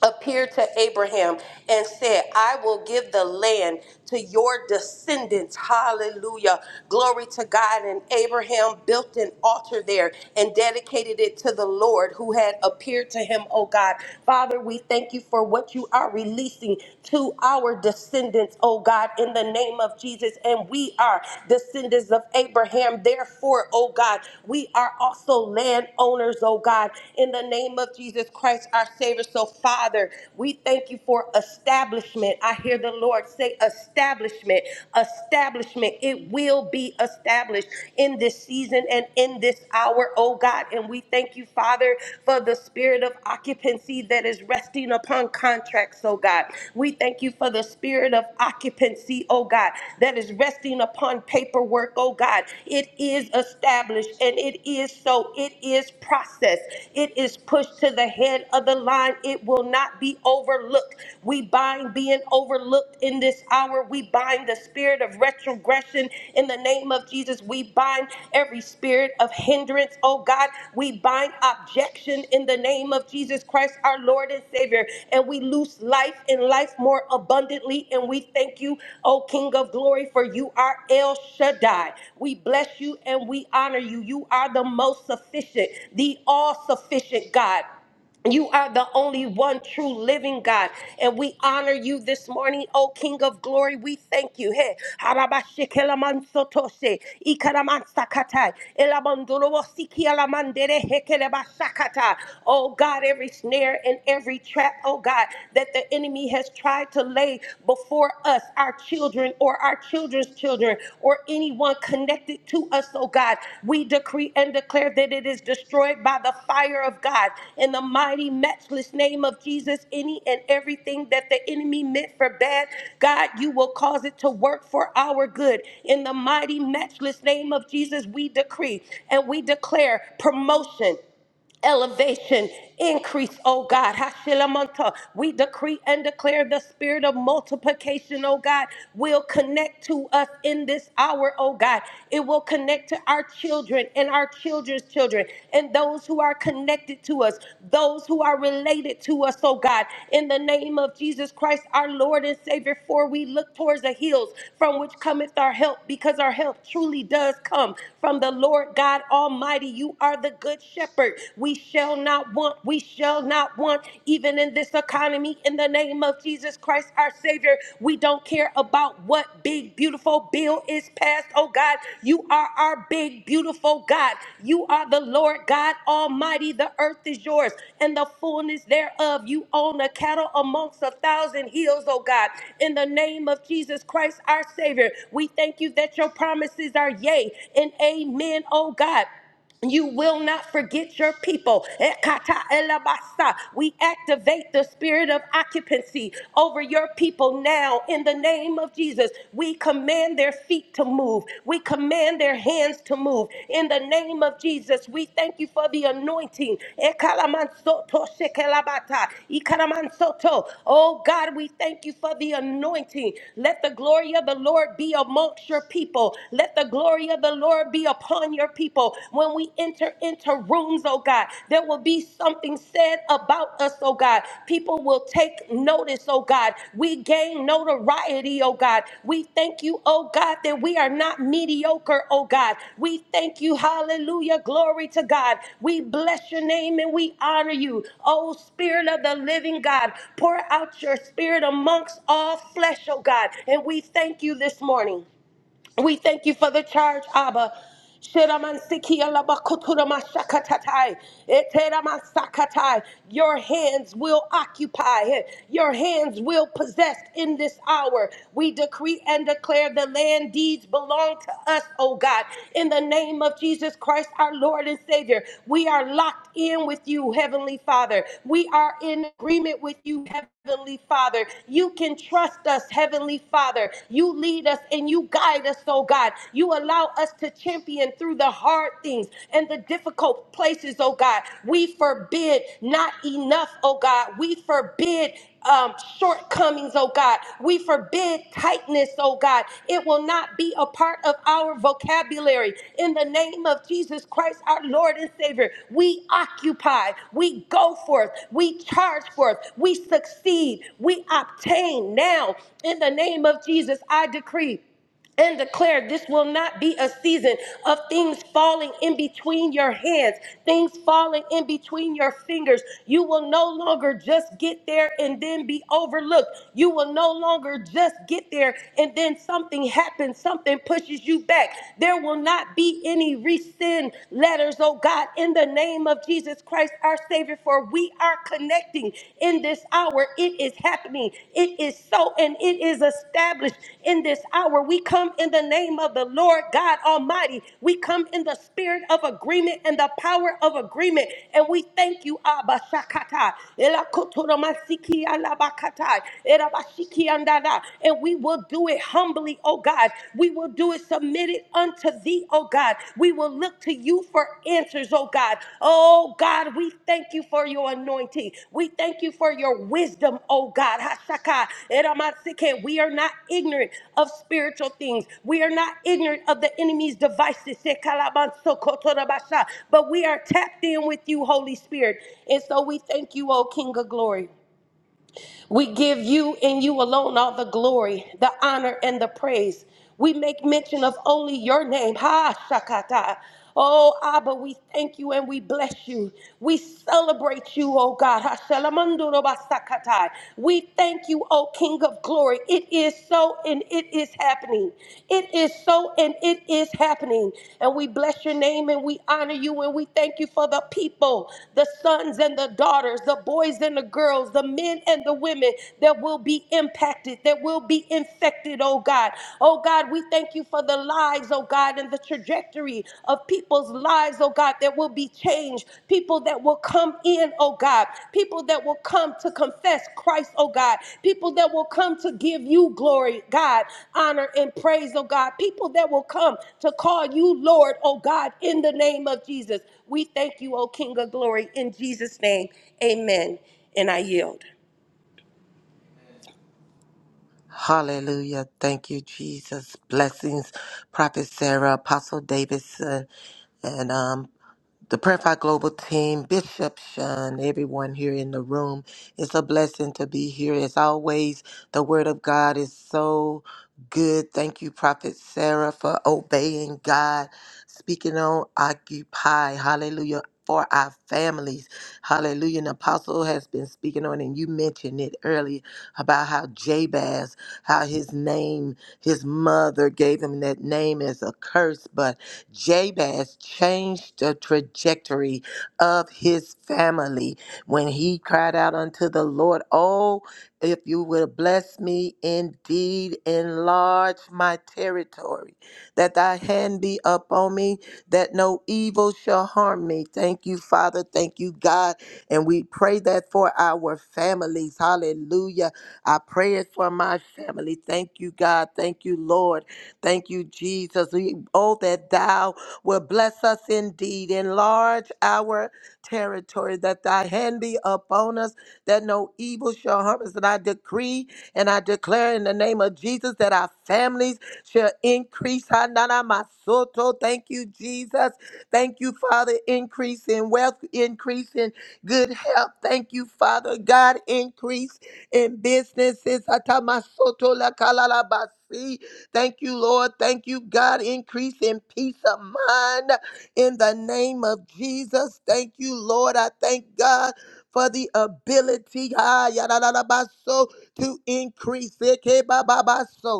[SPEAKER 2] appeared to Abraham and said, I will give the land to your descendants. Hallelujah. Glory to God. And Abraham built an altar there and dedicated it to the Lord who had appeared to him, oh God. Father, we thank you for what you are releasing to our descendants, oh God, in the name of Jesus. And we are descendants of Abraham. Therefore, oh God, we are also landowners, oh God, in the name of Jesus Christ, our Savior creator. So, Father, we thank you for establishment. I hear the Lord say, establishment, establishment. It will be established in this season and in this hour, oh God. And we thank you, Father, for the spirit of occupancy that is resting upon contracts, oh God. We thank you for the spirit of occupancy, oh God, that is resting upon paperwork, oh God. It is established and it is so. It is processed. It is pushed to the head of of the line, it will not be overlooked. We bind being overlooked in this hour. We bind the spirit of retrogression in the name of Jesus. We bind every spirit of hindrance, oh God. We bind objection in the name of Jesus Christ, our Lord and Savior. And we loose life and life more abundantly. And we thank you, oh King of glory, for you are El Shaddai. We bless you and we honor you. You are the most sufficient, the all sufficient God. You are the only one true living God. And we honor you this morning, O King of glory. We thank you. Hey, Harabashikelamansotoshi, Ikaramantsakatai, Elabandorowosikialamandere hekelebashakata. Oh God, every snare and every trap, oh God, that the enemy has tried to lay before us, our children, or our our children's children or anyone connected to us, oh God. We decree and declare that it is destroyed by the fire of God. In the mighty, matchless name of Jesus, any and everything that the enemy meant for bad, God, you will cause it to work for our good. In the mighty, matchless name of Jesus, we decree and we declare promotion elevation, increase, oh God. Hashilamanta. We decree and declare the spirit of multiplication, oh God, will connect to us in this hour, oh God. It will connect to our children and our children's children and those who are connected to us, those who are related to us, oh God. In the name of Jesus Christ, our Lord and Savior, for we look towards the hills from which cometh our help, because our help truly does come from the Lord God Almighty. You you are the good shepherd. We shall not want, we shall not want, even in this economy, in the name of Jesus Christ, our Savior. We don't care about what big, beautiful bill is passed. Oh God, you are our big, beautiful God. You are the Lord God Almighty. The earth is yours and the fullness thereof. You own the cattle amongst a thousand hills, oh God. In the name of Jesus Christ, our Savior, we thank you that your promises are yea and amen, oh God. You will not forget your people. Ekata elabasa. We activate the spirit of occupancy over your people now in the name of Jesus. We command their feet to move. We command their hands to move. In the name of Jesus, we thank you for the anointing. Ekalamansoto shekelabata. Ikaramansoto. Oh God, we thank you for the anointing. Let the glory of the Lord be amongst your people. Let the glory of of the Lord be upon your people. When we enter into rooms, oh God, there will be something said about us, oh God. People will take notice, oh God. We gain notoriety, oh God. We thank you, oh God, that we are not mediocre, oh God. We thank you, hallelujah, glory to God. We bless your name and we honor you, oh Spirit of the living God. Pour out your spirit amongst all flesh, oh God. And we thank you this morning. We thank you for the charge, Abba. Shiramansiki-alabakuturamasakatatai. Eteramansakatai. Your hands will occupy, eh, your hands will possess in this hour. We decree and declare the land deeds belong to us, O God. In the name of Jesus Christ, our Lord and Savior, we are locked in with you, Heavenly Father. We are in agreement with you, Heavenly Father. You can trust us, Heavenly Father. You lead us and you guide guide us, oh God. You allow us to champion through the hard things and the difficult places, oh God. We forbid not enough, oh God. We forbid um, shortcomings, oh God. We forbid tightness, oh God. It will not be a part of our vocabulary. In the name of Jesus Christ, our Lord and Savior, we occupy, we go forth, we charge forth, we succeed, we obtain now. In the name of Jesus, I decree and declare this will not be a season of things falling in between your hands, things falling in between your fingers. You will no longer just get there and then be overlooked. You will no longer just get there and then something happens, something pushes you back. There will not be any rescind letters, oh God, in the name of Jesus Christ, our Savior, for we are connecting in this hour. It is happening. It is so and it is established in this hour. We come in the name of the Lord God Almighty. We come in the spirit of agreement and the power of agreement. And we thank you, Abba Shakata. Elakotoromasiki alabakatai. Erabashiki andada. And we will do it humbly, oh God. We will do it submitted submitted unto thee, oh God. We will look to you for answers, oh God. Oh God, we thank you for your anointing. We thank you for your wisdom, oh God. Hashaka, eramasike. We are not ignorant of spiritual things. We are not ignorant of the enemy's devices. sekalabansokotorabasha. But we are tapped in with you, Holy Spirit. And so we thank you, oh King of glory. We give you and you alone all the glory, the honor, and the praise. We make mention of only your name. Ha, Shakata. Oh, Abba, we thank you and we bless you. We celebrate you, oh God. Ha, Shalamanduro Basakatai. We thank you, oh King of glory. It is so and it is happening. It is so and it is happening. And we bless your name and we honor you and we thank you for the people, the sons and the daughters, the boys and the girls, the men and and the women that will be impacted, that will be infected, oh God. Oh God, we thank you for the lives, oh God, and the trajectory of people's lives, oh God, that will be changed. People that will come in, oh God. People that will come to confess Christ, oh God. People that will come to give you glory, God, honor and praise, oh God. People that will come to call you Lord, oh God, in the name of Jesus. We thank you, oh King of glory, in Jesus' name. Amen. And I yield.
[SPEAKER 3] Hallelujah. Thank you, Jesus. Blessings, Prophet Sarah, Apostle Davidson, and um, the Prayer Fire Global team, Bishop Shun, everyone here in the room. It's a blessing to be here. As always, the Word of God is so good. Thank you, Prophet Sarah, for obeying God, speaking on Occupy. Hallelujah. For our families. Hallelujah. An apostle has been speaking on, and you mentioned it earlier about how Jabez, how his name, his mother gave him that name as a curse, but Jabez changed the trajectory of his family when he cried out unto the Lord, Oh, if you will bless me indeed, enlarge my territory, that thy hand be upon me, that no evil shall harm me. Thank you, Father. Thank you, God. And we pray that for our families. Hallelujah. I pray it for my family. Thank you, God. Thank you, Lord. Thank you, Jesus. We, oh, that thou will bless us indeed. Enlarge our territory, that thy hand be upon us, that no evil shall harm us. And I decree and I declare in the name of Jesus that our families shall increase. Hananamasoto. Thank you, Jesus. Thank you, Father. Increase in wealth, increase in good health. Thank you, Father. God, increase in businesses. Atamasoto lakalalabasi. Thank you, Lord. Thank you, God. Increase in peace of mind in the name of Jesus. Thank you, Lord. I thank God for the ability ah, yadadadabaso, to increase. Ekebababaso.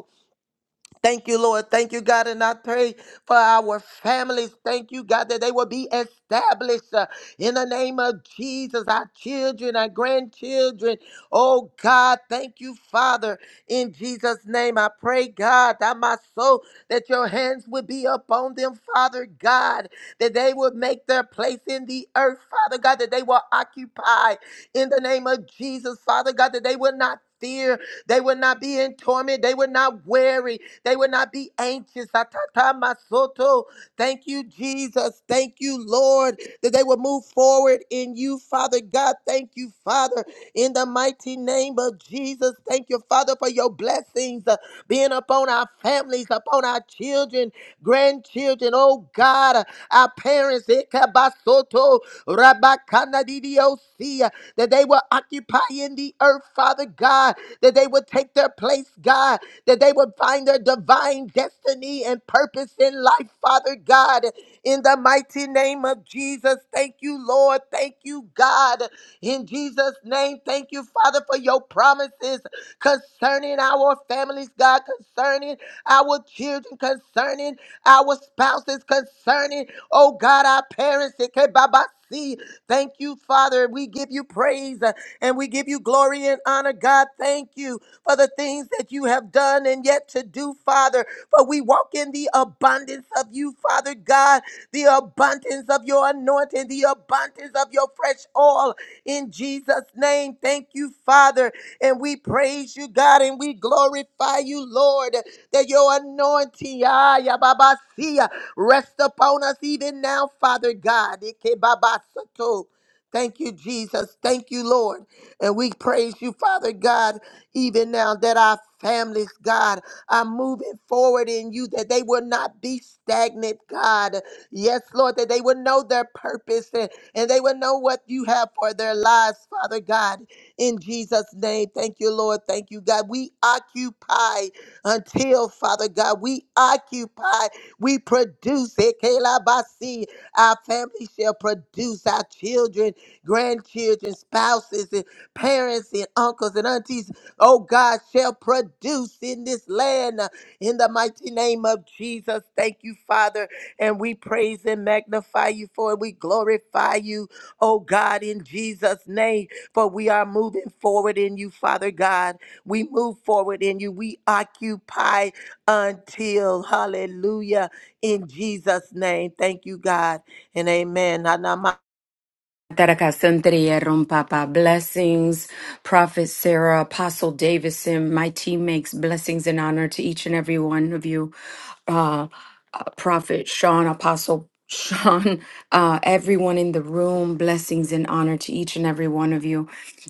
[SPEAKER 3] Thank you, Lord. Thank you, God. And I pray for our families. Thank you, God, that they will be established uh, in the name of Jesus, our children, our grandchildren. Oh, God, thank you, Father. In Jesus' name, I pray, God, that my soul, that your hands would be upon them, Father God, that they would make their place in the earth, Father God, that they will occupy in the name of Jesus, Father God, that they will not fear, they will not be in torment, they will not worry, they would not be anxious. Atata masoto. Thank you, Jesus. Thank you, Lord, that they would move forward in you, Father God. Thank you, Father, in the mighty name of Jesus. Thank you, Father, for your blessings uh, being upon our families, upon our children, grandchildren. Oh God, uh, our parents, Ekabasoto, Rabakanadidiosea, that they will occupy in the earth, Father God, that they would take their place, God that they would find their divine destiny and purpose in life, Father God, in the mighty name of Jesus. Thank you, Lord. Thank you, God. In Jesus' name, thank you, Father, for your promises concerning our families, God, concerning our children, concerning our spouses, concerning, oh God, our parents. See, Thank you, Father. We give you praise uh, and we give you glory and honor, God. Thank you for the things that you have done and yet to do, Father. For we walk in the abundance of you, Father God, the abundance of your anointing, the abundance of your fresh oil in Jesus' name. Thank you, Father. And we praise you, God, and we glorify you, Lord, that your anointing, ah, ya baba siya, rest upon us even now, Father God. Ike baba soto. Thank you, Jesus. Thank you, Lord. And we praise you, Father God even now that our families, God, are moving forward in you, that they will not be stagnant, God. Yes, Lord, that they will know their purpose and, and they will know what you have for their lives, Father God. In Jesus' name, thank you, Lord. Thank you, God. We occupy until, Father God, we occupy, we produce it. Kelabasi. Our family shall produce our children, grandchildren, spouses, and parents, and uncles, and aunties oh God, shall produce in this land uh, in the mighty name of Jesus. Thank you, Father. And we praise and magnify you for it. We glorify you, oh God, in Jesus' name. For we are moving forward in you, Father God. We move forward in you. We occupy until, hallelujah, in Jesus' name. Thank you, God, and amen. Anama-
[SPEAKER 4] Tarakasantri Papa. Blessings, Prophet Sarah, Apostle Davison, my teammates, blessings and honor to each and every one of you. Uh, uh, Prophet Sean, Apostle Sean, [laughs] uh, everyone in the room, blessings and honor to each and every one of you.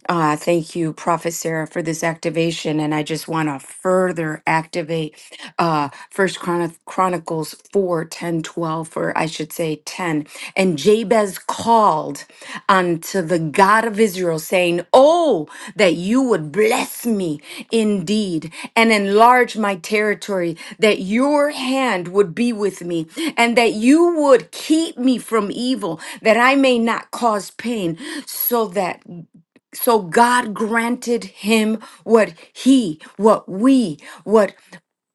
[SPEAKER 4] Uh, thank you, Prophet Sarah, for this activation. And I just want to further activate. uh, First Chron- Chronicles 4 10 12, or I should say 10. And Jabez called unto the God of Israel, saying, Oh, that you would bless me indeed and enlarge my territory, that your hand would be with me, and that you would keep me from evil, that I may not cause pain, so that so God granted him what he, what we, what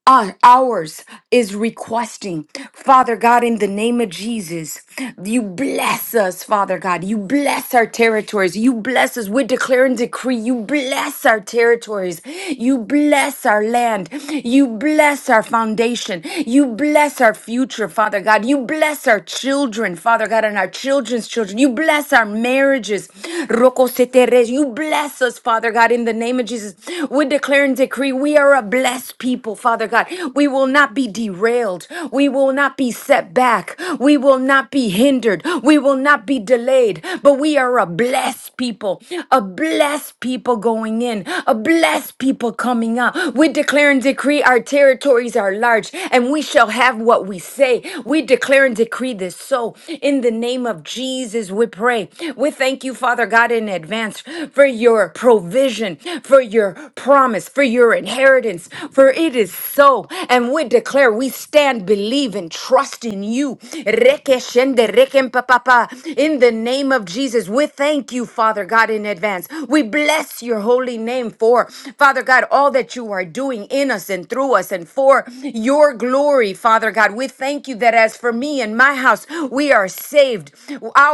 [SPEAKER 4] uh, ours is requesting, Father God, in the name of Jesus, you bless us, Father God. You bless our territories. You bless us. We declare and decree, you bless our territories. You bless our land. You bless our foundation. You bless our future, Father God. You bless our children, Father God, and our children's children. You bless our marriages. Roko seteres. You bless us, Father God, in the name of Jesus. We declare and decree we are a blessed people, Father God. We will not be derailed. We will not be set back. We will not be hindered. We will not be delayed. But we are a blessed people, a blessed people going in, a blessed people coming out. We declare and decree our territories are large and we shall have what we say. We declare and decree this so. In the name of Jesus, we pray. We thank you, Father God, in advance strength, for your provision, for your promise, for your inheritance. For it is so. And we declare we stand, believe, and trust in you. Reke shende, reken pa pa pa. In the name of Jesus, we thank you, Father God, in advance. We bless your holy name for, Father God, all that you are doing in us and through us and for your glory, Father God. We thank you that as for me and my house, we are saved.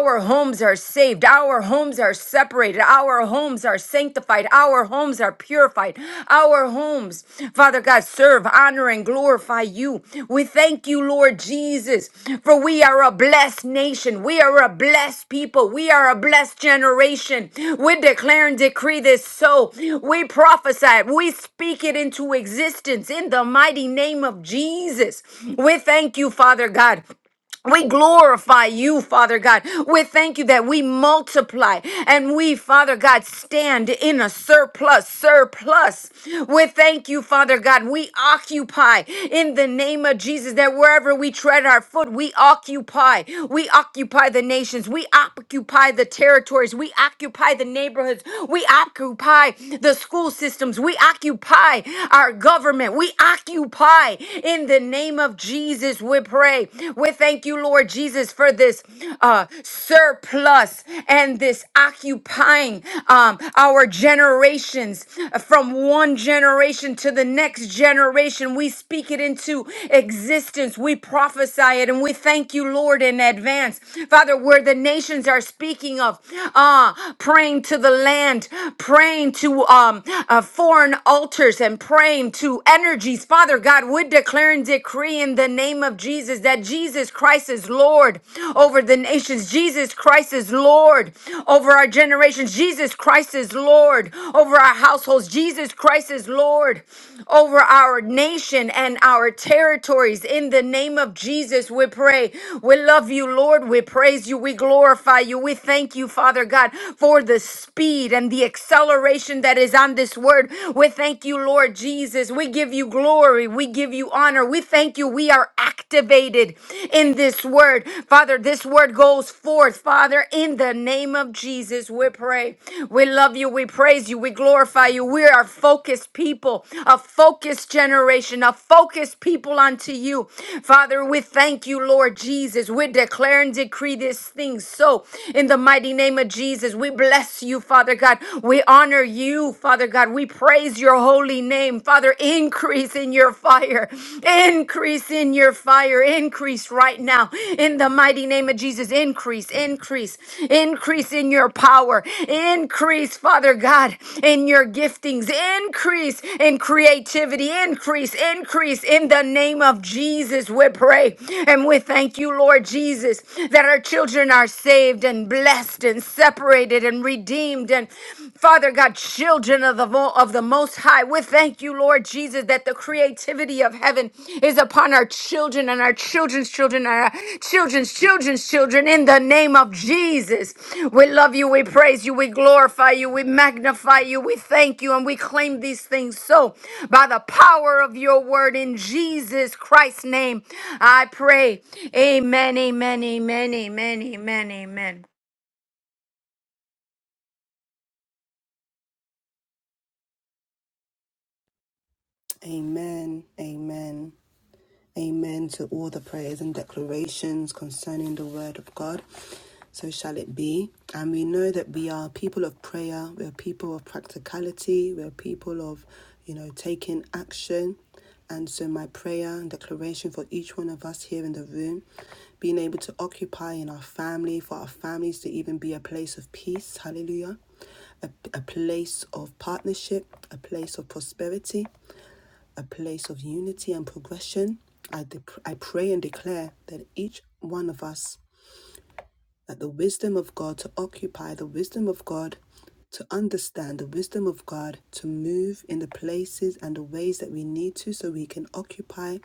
[SPEAKER 4] Our homes are saved. Our homes are separated. Our homes are sanctified. Our homes are purified. Our homes, Father God, serve, honor, and glorify you. We thank you, Lord Jesus, for we are a blessed nation. We are a blessed people. We are a blessed generation. We declare and decree this so. We prophesy it. We speak it into existence in the mighty name of Jesus. We thank you, Father God. We glorify you, Father God. We thank you that we multiply and we, Father God, stand in a surplus, surplus. We thank you, Father God. We occupy in the name of Jesus that wherever we tread our foot, we occupy. We occupy the nations. We occupy the territories. We occupy the neighborhoods. We occupy the school systems. We occupy our government. We occupy in the name of Jesus. Jesus, we pray. We thank you, Lord Jesus, for this uh, surplus and this occupying um, our generations from one generation to the next generation. We speak it into existence. We prophesy it, and we thank you, Lord, in advance, Father, where the nations are speaking of uh, praying to the land, praying to um, uh, foreign altars, and praying to energies. Father God, we declare and decree in the name of Jesus that Jesus Christ is Lord over the nations. Jesus Christ is Lord over our generations. Jesus Christ is Lord over our households. Jesus Christ is Lord over our nation and our territories. In the name of Jesus, we pray. We love you, Lord. We praise you. We glorify you. We thank you, Father God, for the speed and the acceleration that is on this word. We thank you you, Lord Jesus. We give you glory. We give you honor. We thank you. We are activated in this word. Father, this word goes forth. Father, in the name of Jesus, we pray. We love you. We praise you. We glorify you. We are focused people, a focused generation, a focused people unto you. Father, we thank you, Lord Jesus. We declare and decree this thing so in the mighty name of Jesus. We bless you, Father God. We honor you you, Father God. We praise your holy name. Father, increase in your fire. Increase in your fire. Increase right now. In the mighty name of Jesus. Increase, increase, increase in your power. Increase, Father God, in your giftings. Increase in creativity. Increase, increase in the name of Jesus. We pray and we thank you, Lord Jesus, that our children are saved and blessed and separated and redeemed and Father God, children of the mo- of the Most High, we thank you, Lord Jesus, that the creativity of heaven is upon our children and our children's children and our children's children's children. In the name of Jesus, we love you, we praise you, we glorify you, we magnify you, we thank you, and we claim these things. So, by the power of your word in Jesus Christ's name, I pray. Amen. Amen. Amen. Amen. Amen. Amen.
[SPEAKER 1] Amen, amen, amen to all the prayers and declarations concerning the word of God. So shall it be. And we know that we are people of prayer, we're people of practicality, we're people of, you know, taking action. And so my prayer and declaration for each one of us here in the room, being able to occupy in our family, for our families to even be a place of peace, hallelujah, a, a place of partnership, a place of prosperity, a place of unity and progression. I, dep I pray and declare that each one of us that the wisdom of God, to occupy the wisdom of God, to understand the wisdom of God, to move in the places and the ways that we need to so we can occupy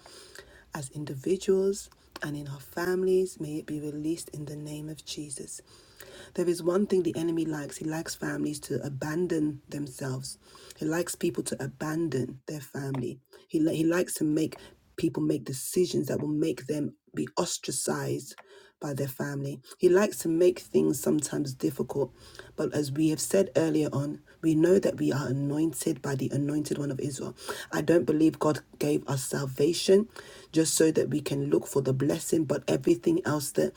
[SPEAKER 1] as individuals and in our families. May it be released in the name of Jesus. There is one thing the enemy likes. He likes families to abandon themselves. He likes people to abandon their family. He, li- he likes to make people make decisions that will make them be ostracized by their family. He likes to make things sometimes difficult, but as we have said earlier on, we know that we are anointed by the anointed one of Israel. I don't believe God gave us salvation just so that we can look for the blessing, but everything else that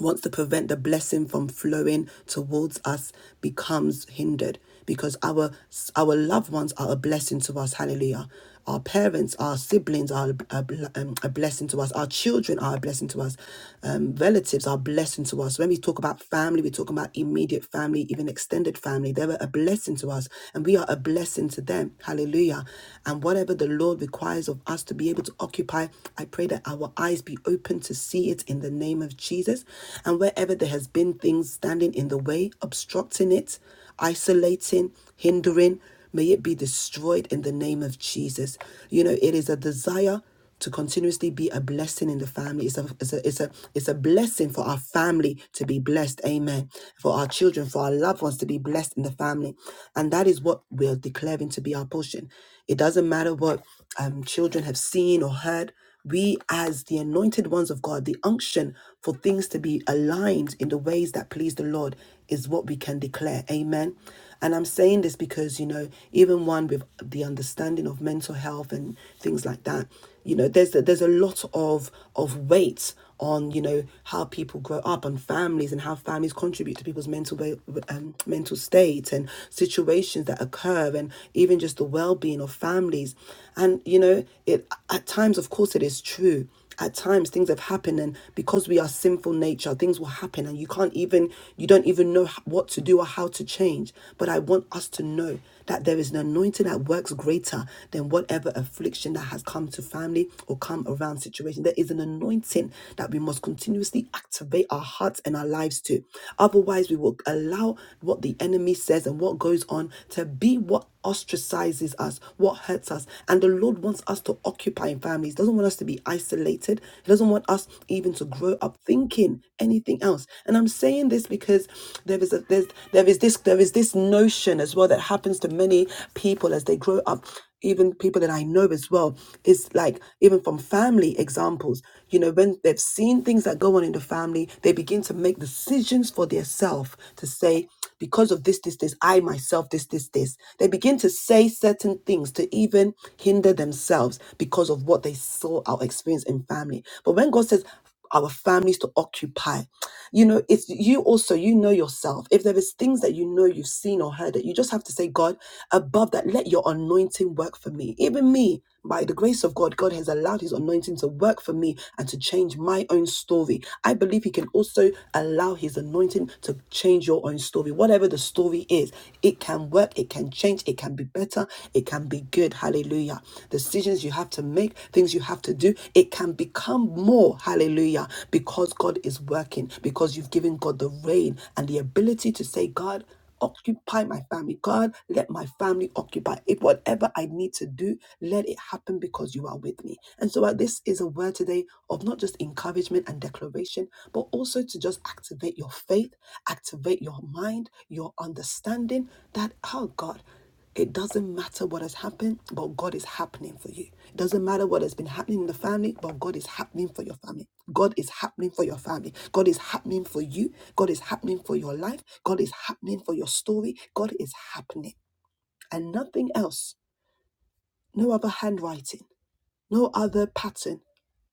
[SPEAKER 1] wants to prevent the blessing from flowing towards us becomes hindered because our our loved ones are a blessing to us hallelujah our parents our siblings are a, um, a blessing to us our children are a blessing to us um, relatives are a blessing to us when we talk about family we talk about immediate family even extended family they're a blessing to us and we are a blessing to them hallelujah and whatever the lord requires of us to be able to occupy i pray that our eyes be open to see it in the name of jesus Jesus. And wherever there has been things standing in the way, obstructing it, isolating, hindering, may it be destroyed in the name of Jesus. You know, it is a desire to continuously be a blessing in the family. It's a, it's a, it's a, it's a blessing for our family to be blessed. Amen. For our children, for our loved ones to be blessed in the family. And that is what we're declaring to be our portion. It doesn't matter what um, children have seen or heard. We, as the anointed ones of God, the unction for things to be aligned in the ways that please the Lord is what we can declare. Amen. And I'm saying this because, you know, even one with the understanding of mental health and things like that, you know, there's, there's a lot of, of weight on you know how people grow up on families and how families contribute to people's mental um, mental state and situations that occur and even just the well-being of families and you know it at times of course it is true at times things have happened and because we are sinful nature things will happen and you can't even you don't even know what to do or how to change but i want us to know that there is an anointing that works greater than whatever affliction that has come to family or come around situation. There is an anointing that we must continuously activate our hearts and our lives to. Otherwise, we will allow what the enemy says and what goes on to be what ostracizes us, what hurts us. And the Lord wants us to occupy in families, He doesn't want us to be isolated. He doesn't want us even to grow up thinking anything else. And I'm saying this because there is a there's there is this there there is this notion as well that happens to many people as they grow up even people that i know as well is like even from family examples you know when they've seen things that go on in the family they begin to make decisions for themselves to say because of this this this i myself this this this they begin to say certain things to even hinder themselves because of what they saw or experienced in family but when god says our families to occupy. You know, it's you also, you know yourself. If there is things that you know you've seen or heard that you just have to say, God, above that, let your anointing work for me. Even me, by the grace of God, God has allowed his anointing to work for me and to change my own story. I believe he can also allow his anointing to change your own story. Whatever the story is, it can work, it can change, it can be better, it can be good. Hallelujah. Decisions you have to make, things you have to do, it can become more. Hallelujah. Hallelujah. Because God is working, because you've given God the reign and the ability to say, God, occupy my family. God, let my family occupy it. Whatever I need to do, let it happen because you are with me. And so uh, this is a word today of not just encouragement and declaration, but also to just activate your faith, activate your mind, your understanding that, oh God, it doesn't matter what has happened, but God is happening for you. It doesn't matter what has been happening in the family, but God is happening for your family. God is happening for your family. God is happening for you. God is happening for your life. God is happening for your story. God is happening. And nothing else, no other handwriting, no other pattern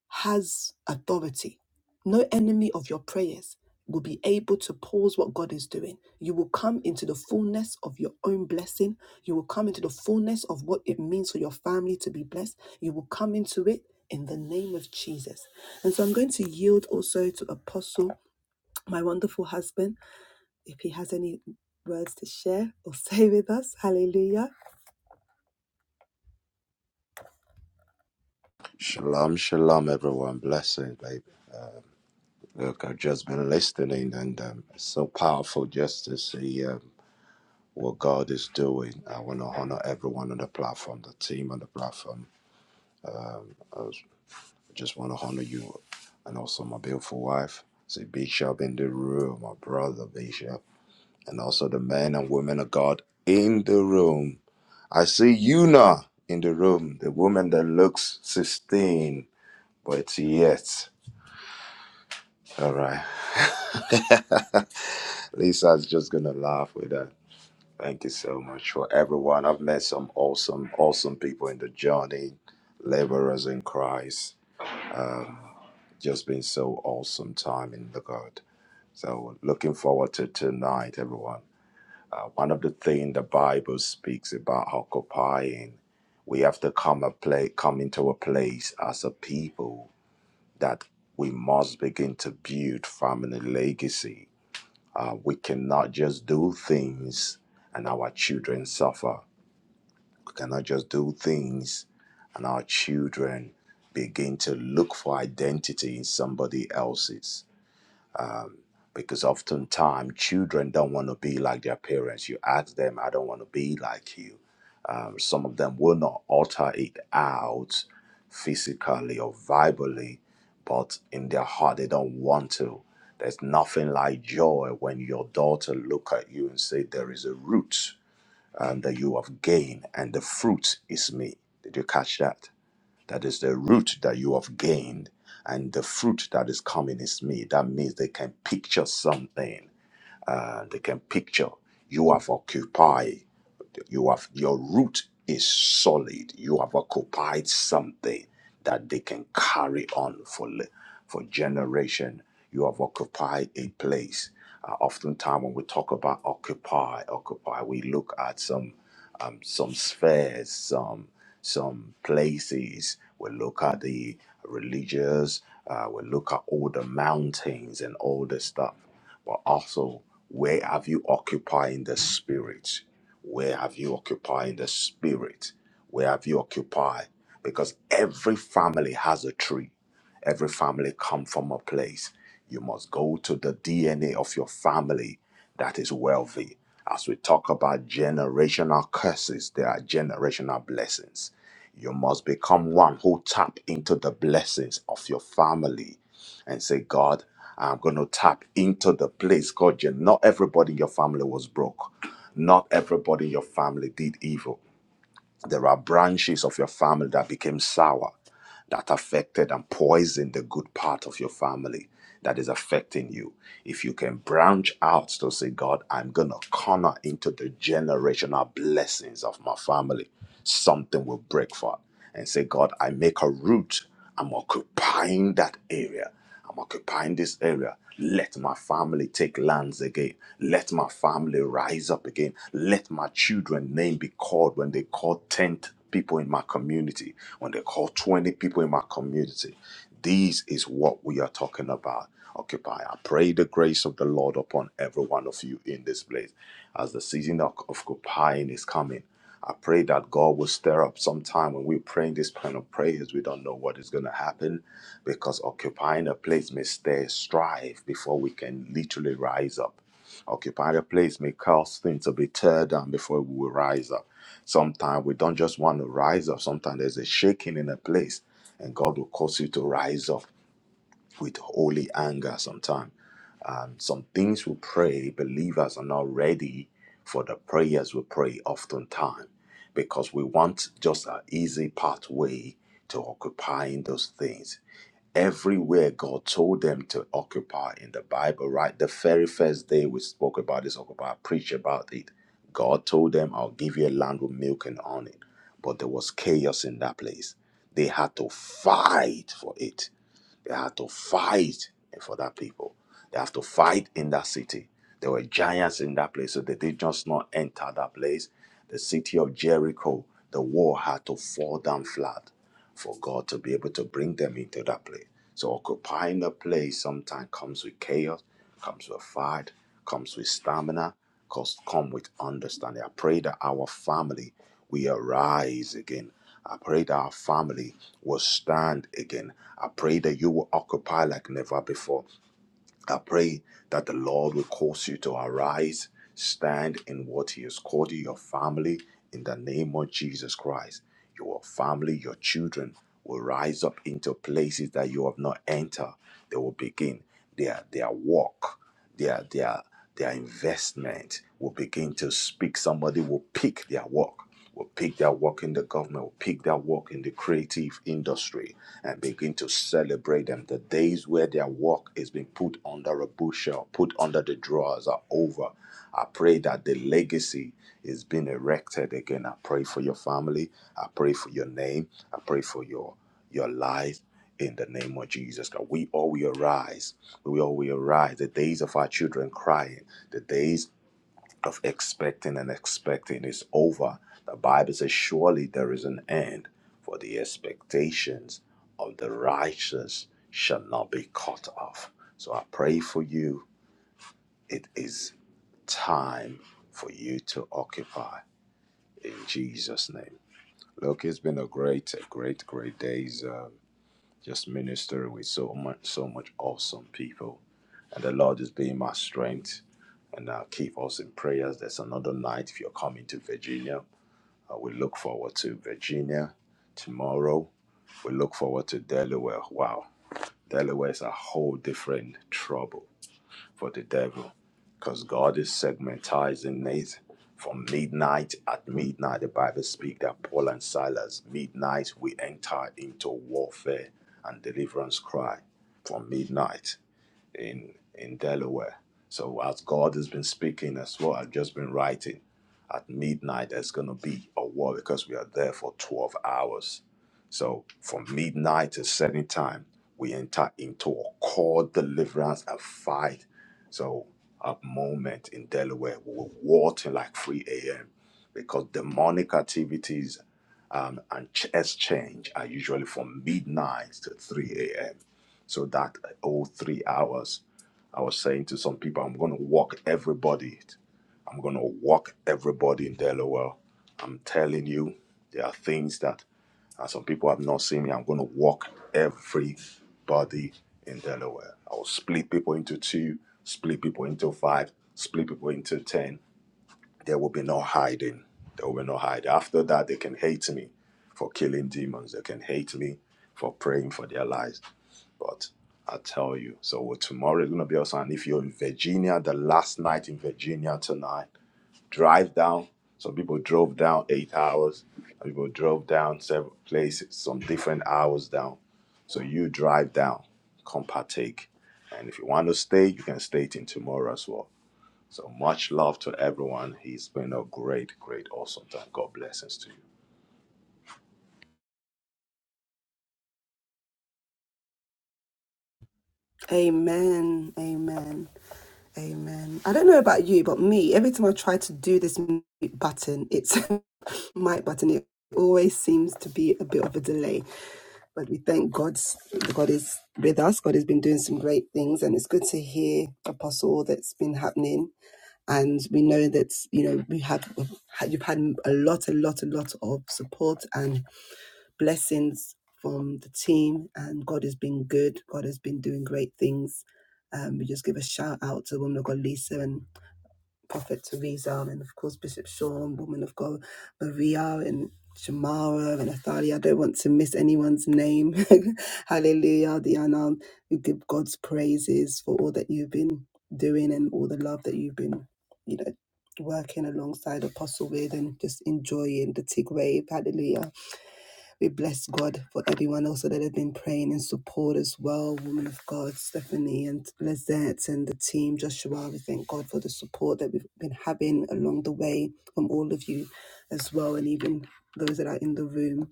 [SPEAKER 1] has authority. No enemy of your prayers will be able to pause what God is doing. You will come into the fullness of your own blessing. You will come into the fullness of what it means for your family to be blessed. You will come into it in the name of Jesus. And so I'm going to yield also to Apostle my wonderful husband, if he has any words to share or [laughs] say with us. Hallelujah.
[SPEAKER 5] Shalom, shalom, everyone. Blessing, baby. Look, I've just been listening, and um, it's so powerful just to see um, what God is doing. I want to honor everyone on the platform, the team on the platform. Um, I was- just want to honor you, and also my beautiful wife. See Bishop in the room, my brother Bishop, and also the men and women of God in the room. I see you now in the room, the woman that looks 16, but yet. All right. [laughs] Lisa's just gonna laugh with that. Thank you so much for everyone. I've met some awesome, awesome people in the journey, laborers in Christ. Just been so awesome time in the God. So looking forward to tonight, everyone. Uh, one of the things the Bible speaks about occupying, we have to come a pla come into a place as a people that we must begin to build family legacy Uh, we cannot just do things and our children suffer. We cannot just do things and our children begin to look for identity in somebody else's because oftentimes children don't want to be like their parents. You ask them, I don't want to be like you. Um, some of them will not alter it out physically or verbally, but in their heart, they don't want to. There's nothing like joy when your daughter look at you and say, there is a root um, that you have gained and the fruit is me. Did you catch that? That is the root that you have gained, and the fruit that is coming is me. That means they can picture something. Uh, they can picture you have occupied. You have your root is solid. You have occupied something that they can carry on for for generation. You have occupied a place. Uh, oftentimes, when we talk about occupy, occupy, we look at some um, some spheres, some some places. We look at the religious. Uh, we look at all the mountains and all the stuff. But also, where have you occupied in the spirit? Where have you occupied in the spirit? Where have you occupied? Because every family has a tree. Every family come from a place. You must go to the DNA of your family that is wealthy. As we talk about generational curses, there are generational blessings. You must become one who tap into the blessings of your family and say, God, I'm going to tap into the place. God, you not everybody in your family was broke. Not everybody in your family did evil. There are branches of your family that became sour, that affected and poisoned the good part of your family that is affecting you. If you can branch out to say, God, I'm going to corner into the generational blessings of my family, something will break forth. And say, God, I make a root. I'm occupying that area. I'm occupying this area. Let my family take lands again. Let my family rise up again. Let my children name be called when they call 10 people in my community, when they call 20 people in my community. This is what we are talking about. Occupy. I pray the grace of the Lord upon every one of you in this place as the season of occupying is coming. I pray that God will stir up some time when we're praying this kind of prayers. We don't know what is going to happen because occupying a place may stir strife before we can literally rise up. Occupying a place may cause things to be tear down before we will rise up. Sometimes we don't just want to rise up. Sometimes there's a shaking in a place, and God will cause you to rise up with holy anger sometimes. And some things we pray, believers are not ready for the prayers we pray oftentimes because we want just an easy pathway to occupying those things. Everywhere God told them to occupy in the Bible, right? The very first day we spoke about this, occupy, preach about it. God told them, I'll give you a land with milk and honey. But there was chaos in that place. They had to fight for it they had to fight for that people. They have to fight in that city. There were giants in that place, so they did just not enter that place. The city of Jericho, the wall had to fall down flat for God to be able to bring them into that place. So occupying the place sometimes comes with chaos, comes with fight, comes with stamina, comes come with understanding. I pray that our family we arise again. I pray that our family will stand again. I pray that you will occupy like never before. I pray that the Lord will cause you to arise, stand in what He has called you, your family, in the name of Jesus Christ. Your family, your children will rise up into places that you have not entered. They will begin their their walk, their their their investment will begin to speak. Somebody will pick their work will pick their work in the government, will pick their work in the creative industry and begin to celebrate them. The days where their work is being put under a bushel, put under the drawers are over. I pray that the legacy is being erected again. I pray for your family. I pray for your name. I pray for your your life in the name of Jesus. God, we all will arise. We all will arise. The days of our children crying, the days of expecting and expecting is over. The Bible says, Surely there is an end, for the expectations of the righteous shall not be cut off. So I pray for you. It is time for you to occupy in Jesus' name. Look, it's been a great, a great, great days. Um, just ministering with so much, so much awesome people, and the Lord is being my strength and uh, keep us in prayers. There's another night if you're coming to Virginia. Uh, we look forward to Virginia tomorrow. We look forward to Delaware. Wow, Delaware is a whole different trouble for the devil because God is segmentizing it from midnight. At midnight, the Bible speaks that Paul and Silas, midnight, we enter into warfare and deliverance cry from midnight in in Delaware. So as God has been speaking, as what I've just been writing. At midnight, there's gonna be a war because we are there for twelve hours. So from midnight to setting time, we enter into a core deliverance and fight. So a moment in Delaware, we were war till like 3 a.m. because demonic activities um, and ch- exchange are usually from midnight to 3 a.m. So that all three hours, I was saying to some people, I'm going to walk everybody. I'm going to walk everybody in Delaware. I'm telling you, there are things that and some people have not seen me. I'm going to walk everybody in Delaware. I will split people into two, split people into five, split people into 10. There will be no hiding. There will be no hiding. After that, they can hate me for killing demons. They can hate me for praying for their lives. But I tell you, so well, tomorrow is going to be awesome. And if you're in Virginia, the last night in Virginia tonight, drive down. Some people drove down eight hours. Some people drove down several places, some different hours down. So you drive down, come partake. And if you want to stay, you can stay till tomorrow as well. So much love to everyone. It's been a great, great, awesome time. God blessings to you.
[SPEAKER 1] Amen. Amen. Amen. I don't know about you, but me, every time I try to do this mute button, it's [laughs] mic button, it always seems to be a bit of a delay. But we thank God, God is with us. God has been doing some great things, and it's good to hear, Apostle, all that's been happening and we know that you know we have you've had a lot a lot a lot of support and blessings from the team, and God has been good. God has been doing great things. Um, we just give a shout out to woman of God Lisa and Prophet Teresa, and of course Bishop Sean, woman of God Maria, and Shamara and Athalia. I don't want to miss anyone's name. [laughs] Hallelujah, Diana. We give God's praises for all that you've been doing and all the love that you've been, you know, working alongside Apostle with and just enjoying the Tig Wave. Hallelujah. We bless God for everyone also that has been praying in support as well. Woman of God, Stephanie and Lizette and the team, Joshua. We thank God for the support that we've been having along the way from all of you as well, and even those that are in the room.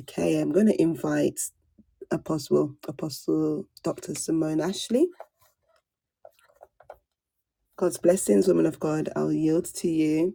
[SPEAKER 1] Okay, I'm going to invite Apostle, Apostle Dr. Simone Ashley. God's blessings, woman of God. I'll yield to you.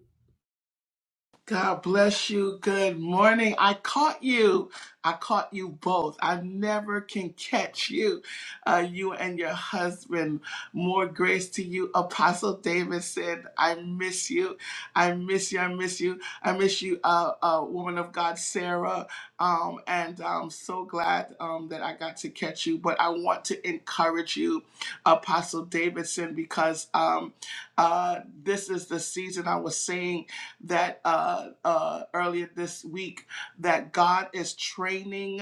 [SPEAKER 6] God bless you. Good morning. I caught you. I caught you both. I never can catch you, uh, you and your husband. More grace to you, Apostle Davidson. I miss you. I miss you. I miss you. I miss you, uh, uh, woman of God, Sarah. Um, and I'm so glad um, that I got to catch you. But I want to encourage you, Apostle Davidson, because um, uh, this is the season I was saying that uh, uh, earlier this week that God is training.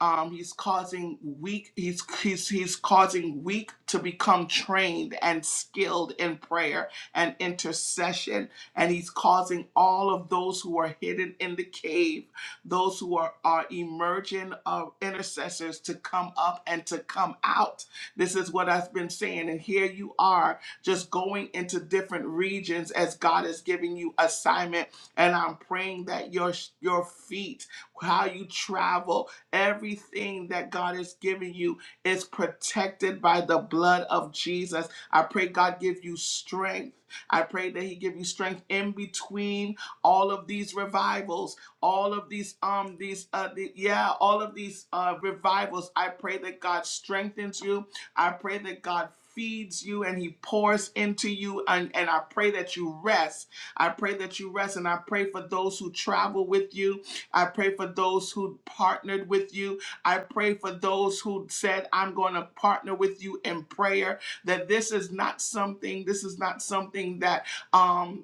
[SPEAKER 6] Um, he's causing weak. He's he's he's causing weak to become trained and skilled in prayer and intercession, and he's causing all of those who are hidden in the cave, those who are are emerging uh, intercessors to come up and to come out. This is what I've been saying, and here you are just going into different regions as God is giving you assignment. And I'm praying that your your feet, how you travel, everything that God is giving you is protected by the blood of Jesus. I pray God give you strength. I pray that He give you strength in between all of these revivals, all of these um these uh the, yeah all of these uh revivals. I pray that God strengthens you. I pray that God feeds you and he pours into you and, and I pray that you rest. I pray that you rest and I pray for those who travel with you. I pray for those who partnered with you. I pray for those who said I'm going to partner with you in prayer that this is not something this is not something that um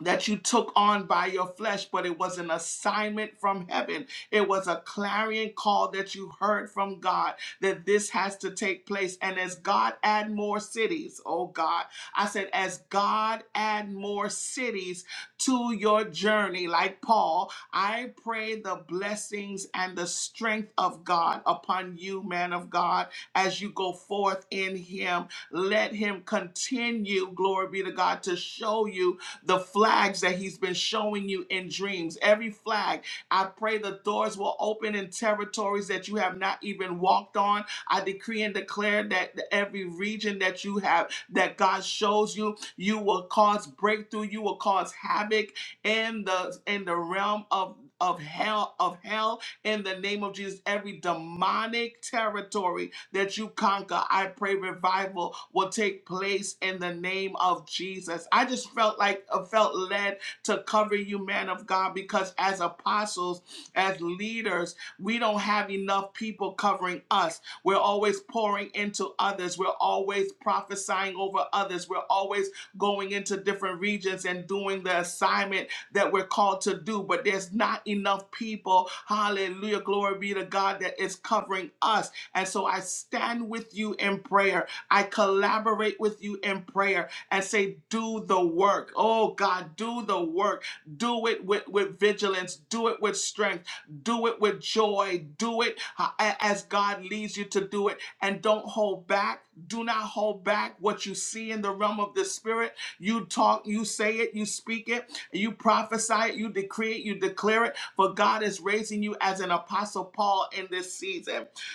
[SPEAKER 6] that you took on by your flesh, but it was an assignment from heaven. It was a clarion call that you heard from God that this has to take place. And as God add more cities, oh God, I said, as God add more cities to your journey, like Paul, I pray the blessings and the strength of God upon you, man of God, as you go forth in him. Let him continue, glory be to God, to show you the flags that he's been showing you in dreams. Every flag, I pray the doors will open in territories that you have not even walked on. I decree and declare that every region that you have, that God shows you, you will cause breakthrough, you will cause havoc in the in the realm of of hell of hell in the name of Jesus every demonic territory that you conquer. I pray revival will take place in the name of Jesus. I just felt like I felt led to cover you, man of God, because as apostles, as leaders, we don't have enough people covering us. We're always pouring into others. We're always prophesying over others. We're always going into different regions and doing the assignment that we're called to do. But there's not enough people, hallelujah, glory be to God, that is covering us. And so I stand with you in prayer. I collaborate with you in prayer and say, do the work. Oh God, do the work. Do it with, with vigilance. Do it with strength. Do it with joy. Do it uh, a- as God leads you to do it. And don't hold back. Do not hold back what you see in the realm of the spirit. You talk, you say it, you speak it, you prophesy it, you decree it, you declare it. For God is raising you as an apostle Paul in this season.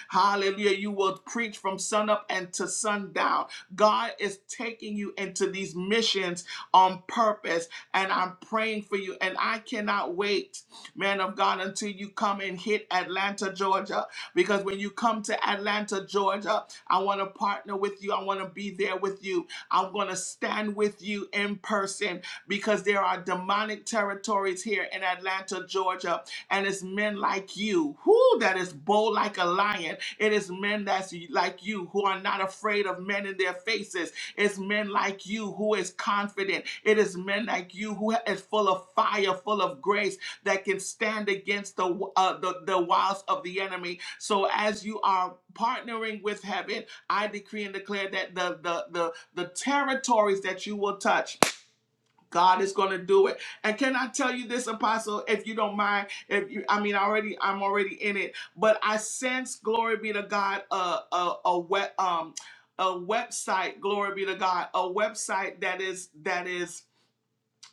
[SPEAKER 6] Hallelujah. You will preach from sunup and to sundown. God is taking you into these missions on purpose, and I'm praying for you. And I cannot wait man of God, until you come and hit Atlanta, Georgia. Because when you come to Atlanta, Georgia, I want to partner with you. I want to be there with you. I'm going to stand with you in person because there are demonic territories here in Atlanta, Georgia. And it's men like you, who that is bold like a lion. It is men that's like you who are not afraid of men in their faces it's men like you who is confident. It is men like you who is full of fire, full of grace that can stand against the uh, the, the wiles of the enemy. So as you are partnering with heaven, I decree and declare that the the the, the territories that you will touch God is going to do it. And can I tell you this, Apostle, if you don't mind, if you, I mean, I already, I'm already in it, but I sense, glory be to God, a, a, a web, um, a website, glory be to God, a website that is, that is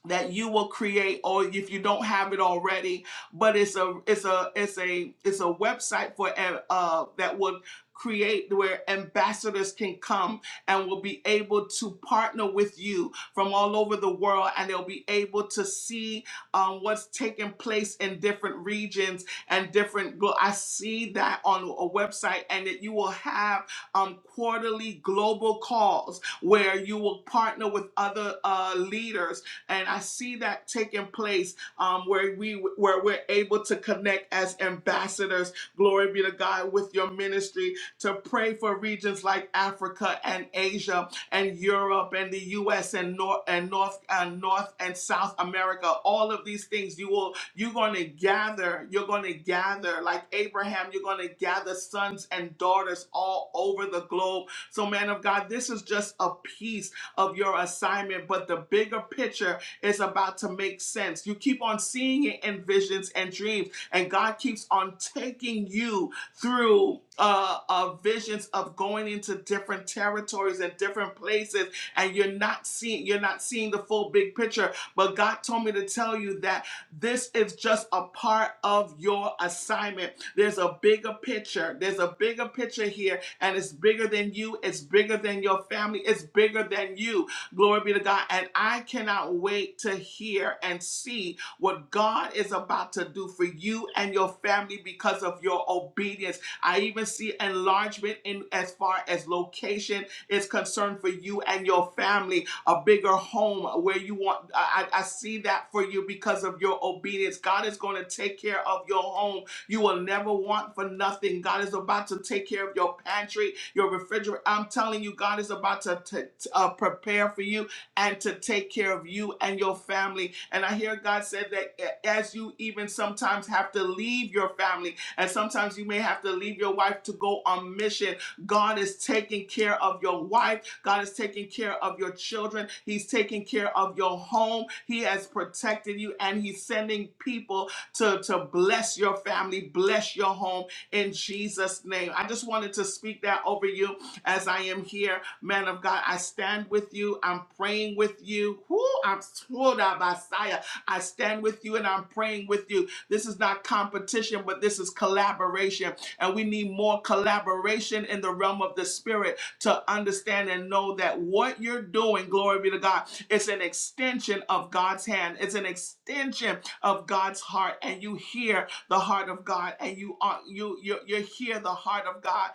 [SPEAKER 6] that you will create or if you don't have it already but it's a it's a it's a it's a website for uh uh, that will create where ambassadors can come and will be able to partner with you from all over the world and they'll be able to see um, what's taking place in different regions and different glo- i see that on a website and that you will have um, quarterly global calls where you will partner with other uh, leaders and I see that taking place um, where we where we're able to connect as ambassadors. Glory be to God with your ministry to pray for regions like Africa and Asia and Europe and the U.S. and North and North and North and South America. All of these things you will you're going to gather. You're going to gather like Abraham. You're going to gather sons and daughters all over the globe. So, man of God, this is just a piece of your assignment, but the bigger picture is about to make sense. You keep on seeing it in visions and dreams, and God keeps on taking you through uh, uh, visions of going into different territories and different places, and you're not seeing you're not seeing the full big picture. But God told me to tell you that this is just a part of your assignment. There's a bigger picture. There's a bigger picture here, and it's bigger than you. It's bigger than your family. It's bigger than you Glory be to God. And I cannot wait to hear and see what God is about to do for you and your family because of your obedience. I even see enlargement in as far as location is concerned for you and your family, a bigger home where you want. I, I I see that for you because of your obedience. God is going to take care of your home. You will never want for nothing. God is about to take care of your pantry, your refrigerator. I'm telling you, God is about to t- uh, prepare for you and to take care of you and your family. And I hear God said that as you even sometimes have to leave your family, and sometimes you may have to leave your wife to go on mission, God is taking care of your wife. God is taking care of your children. He's taking care of your home. He has protected you and He's sending people to, to bless your family, bless your home in Jesus' name. I just wanted to speak that over you as I am here, man of God, I stand with you. I'm praying with you. Whoo, I'm Swoda Messiah. I stand with you and I'm praying with you. This is not competition, but this is collaboration. And we need more collaboration in the realm of the spirit to understand and know that what you're doing, glory be to God, it's an extension of God's hand. It's an extension of God's heart. And you hear the heart of God and you are you you you hear the heart of God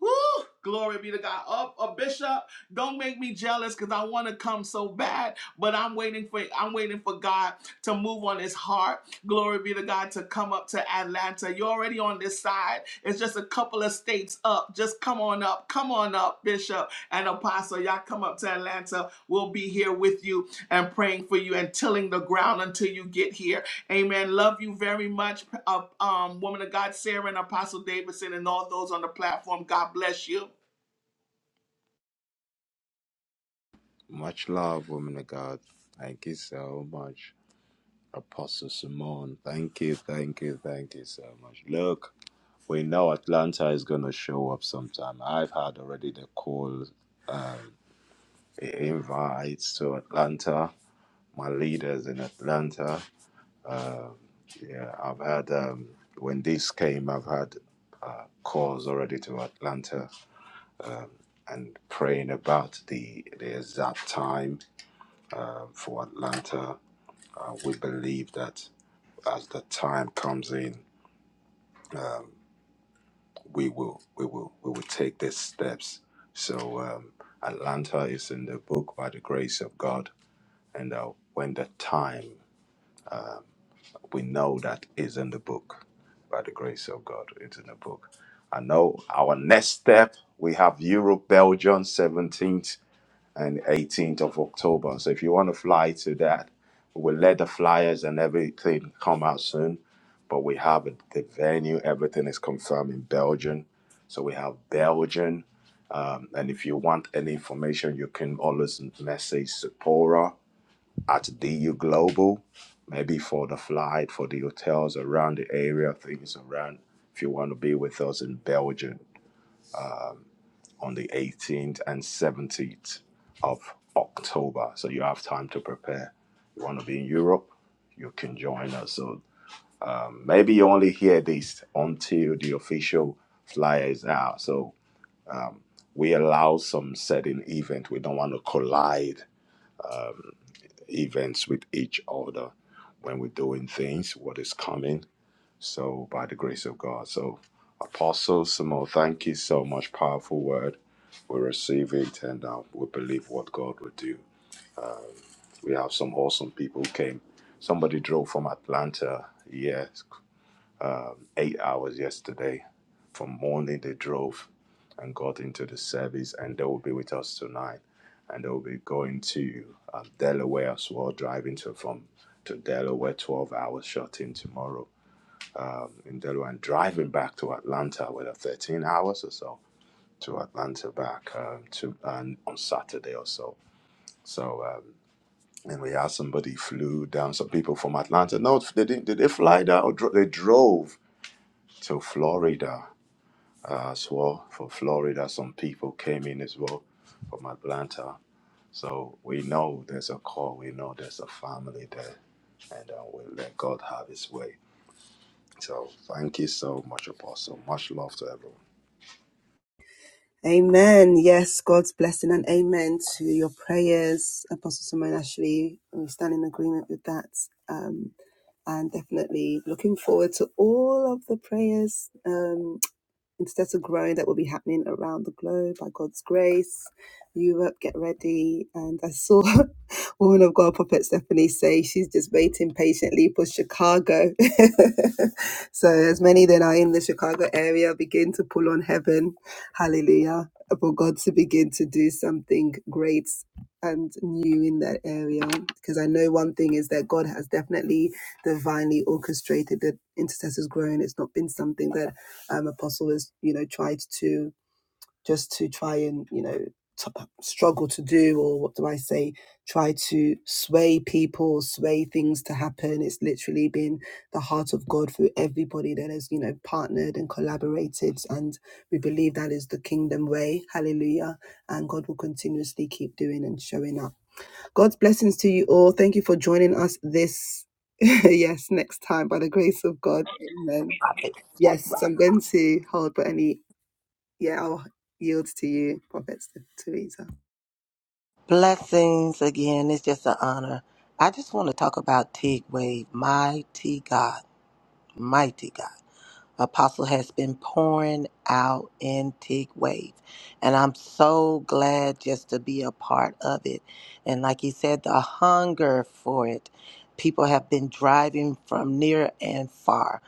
[SPEAKER 6] Woo! Glory be to God. Up a bishop. Don't make me jealous because I want to come so bad, but I'm waiting for I'm waiting for God to move on his heart. Glory be to God to come up to Atlanta. You're already on this side. It's just a couple of states up. Just come on up. Come on up, Bishop and Apostle. Y'all come up to Atlanta. We'll be here with you and praying for you and tilling the ground until you get here. Amen. Love you very much, uh, um, woman of God, Sarah and Apostle Davidson, and all those on the platform. God bless you.
[SPEAKER 5] Much love, woman of God. Thank you so much. Apostle Simone, thank you, thank you, thank you so much. Look, we know Atlanta is going to show up sometime. I've had already the call eh, invites to Atlanta, my leaders in Atlanta. Yeah, I've had, um, when this came, I've had uh, calls already to Atlanta and praying about the, the exact time um for Atlanta. Uh, we believe that as the time comes in, we will we will we will take these steps so um, atlanta is in the book by the grace of god and uh, when the time we know that is in the book by the grace of god it's in the book i know our next step we have europe belgium 17th and 18th of october so if you want to fly to that we'll let the flyers and everything come out soon but we have the venue everything is confirmed in belgium so we have belgium um, and if you want any information, you can always message Sephora at DU Global, maybe for the flight, for the hotels around the area, things around. If you want to be with us in Belgium on the 18th and 17th of October, so you have time to prepare. You want to be in Europe, you can join us. So um, maybe you only hear this until the official flyer is out. So we allow some certain event. We don't want to collide events with each other when we're doing things, what is coming. So, by the grace of God. So, Apostle Samuel, thank you so much. Powerful word. We receive it and uh, we believe what God will do. We have some awesome people who came. Somebody drove from Atlanta. Yes eight hours yesterday from morning they drove and got into the service and they will be with us tonight and they will be going to um, delaware as well driving to from to delaware 12 hours shut in tomorrow um, in delaware and driving back to atlanta with a 13 hours or so to atlanta back um, to and on saturday or so so um, and we had somebody flew down some people from atlanta no they didn't did they fly down or dro- they drove to florida as well for Florida. Some people came in as well from Atlanta. So we know there's a call, we know there's a family there, and uh, we let God have His way. So thank you so much, Apostle. Much love to everyone.
[SPEAKER 1] Amen. Yes, God's blessing and amen to your prayers, Apostle Simone Ashley. We stand in agreement with that. Um, and definitely looking forward to all of the prayers. Um, intercessor growing that will be happening around the globe by God's grace. Europe, get ready. And I saw [laughs] woman of God, Prophet Stephanie, say she's just waiting patiently for Chicago. [laughs] so, as many that are in the Chicago area begin to pull on heaven. Hallelujah. For God to begin to do something great and new in that area. Because I know one thing is that God has definitely divinely orchestrated the intercessors growing. It's not been something that um, Apostle has, you know, tried to just to try and, you know, t- struggle to do, or what do I say, try to sway people, sway things to happen. It's literally been the heart of God through everybody that has, you know, partnered and collaborated. And we believe that is the kingdom way. Hallelujah. And God will continuously keep doing and showing up. God's blessings to you all. Thank you for joining us this, [laughs] yes, next time by the grace of God. Amen. Yes, so I'm going to hold, but any, yeah, I'll yield to you, Prophet Teresa.
[SPEAKER 3] Blessings again. It's just an honor. I just want to talk about Teague Wade, mighty God, mighty God. Apostle has been pouring out Antique Wave. And I'm so glad just to be a part of it. And like he said, the hunger for it. People have been driving from near and far.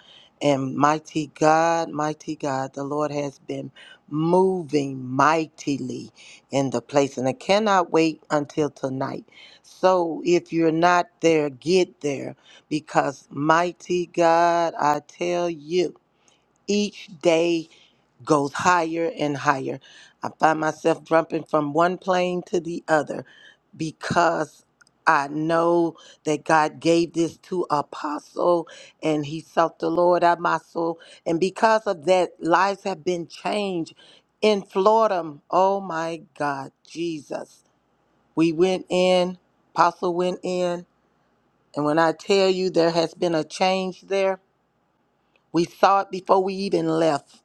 [SPEAKER 3] And mighty God, mighty God, the Lord has been moving mightily in the place. And I cannot wait until tonight. So if you're not there, get there because mighty God, I tell you each day goes higher and higher. I find myself jumping from one plane to the other because I know that God gave this to apostle and he sought the Lord out my soul. And because of that, lives have been changed in Florida. Oh my God, Jesus. We went in, apostle went in, and when I tell you there has been a change there, we saw it before we even left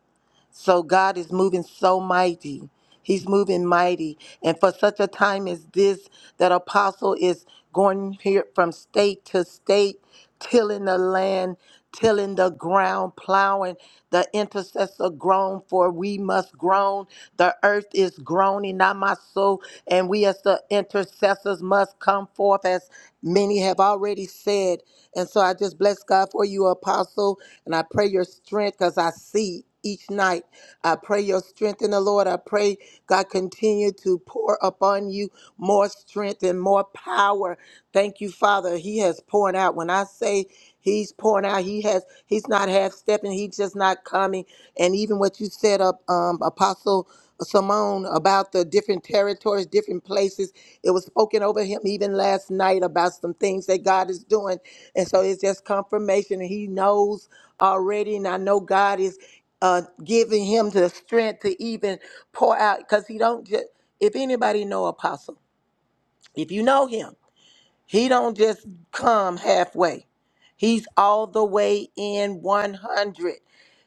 [SPEAKER 3] so God is moving so mighty. He's moving mighty. And for such a time as this, that apostle is going here from state to state, tilling the land, tilling the ground, plowing. The intercessor groan, for we must groan. The earth is groaning, not my soul. And we as the intercessors must come forth, as many have already said. And so I just bless God for you, apostle. And I pray your strength because I see each night. I pray your strength in the Lord. I pray God continue to pour upon you more strength and more power. Thank you, Father. He has poured out. When I say he's pouring out, he has he's not half stepping, he's just not coming. And even what you said up um apostle Simone about the different territories, different places. It was spoken over him even last night about some things that God is doing. And so it's just confirmation. And he knows already. And I know God is uh, giving him the strength to even pour out because he don't just if anybody know apostle if you know him he don't just come halfway. He's all the way in 100.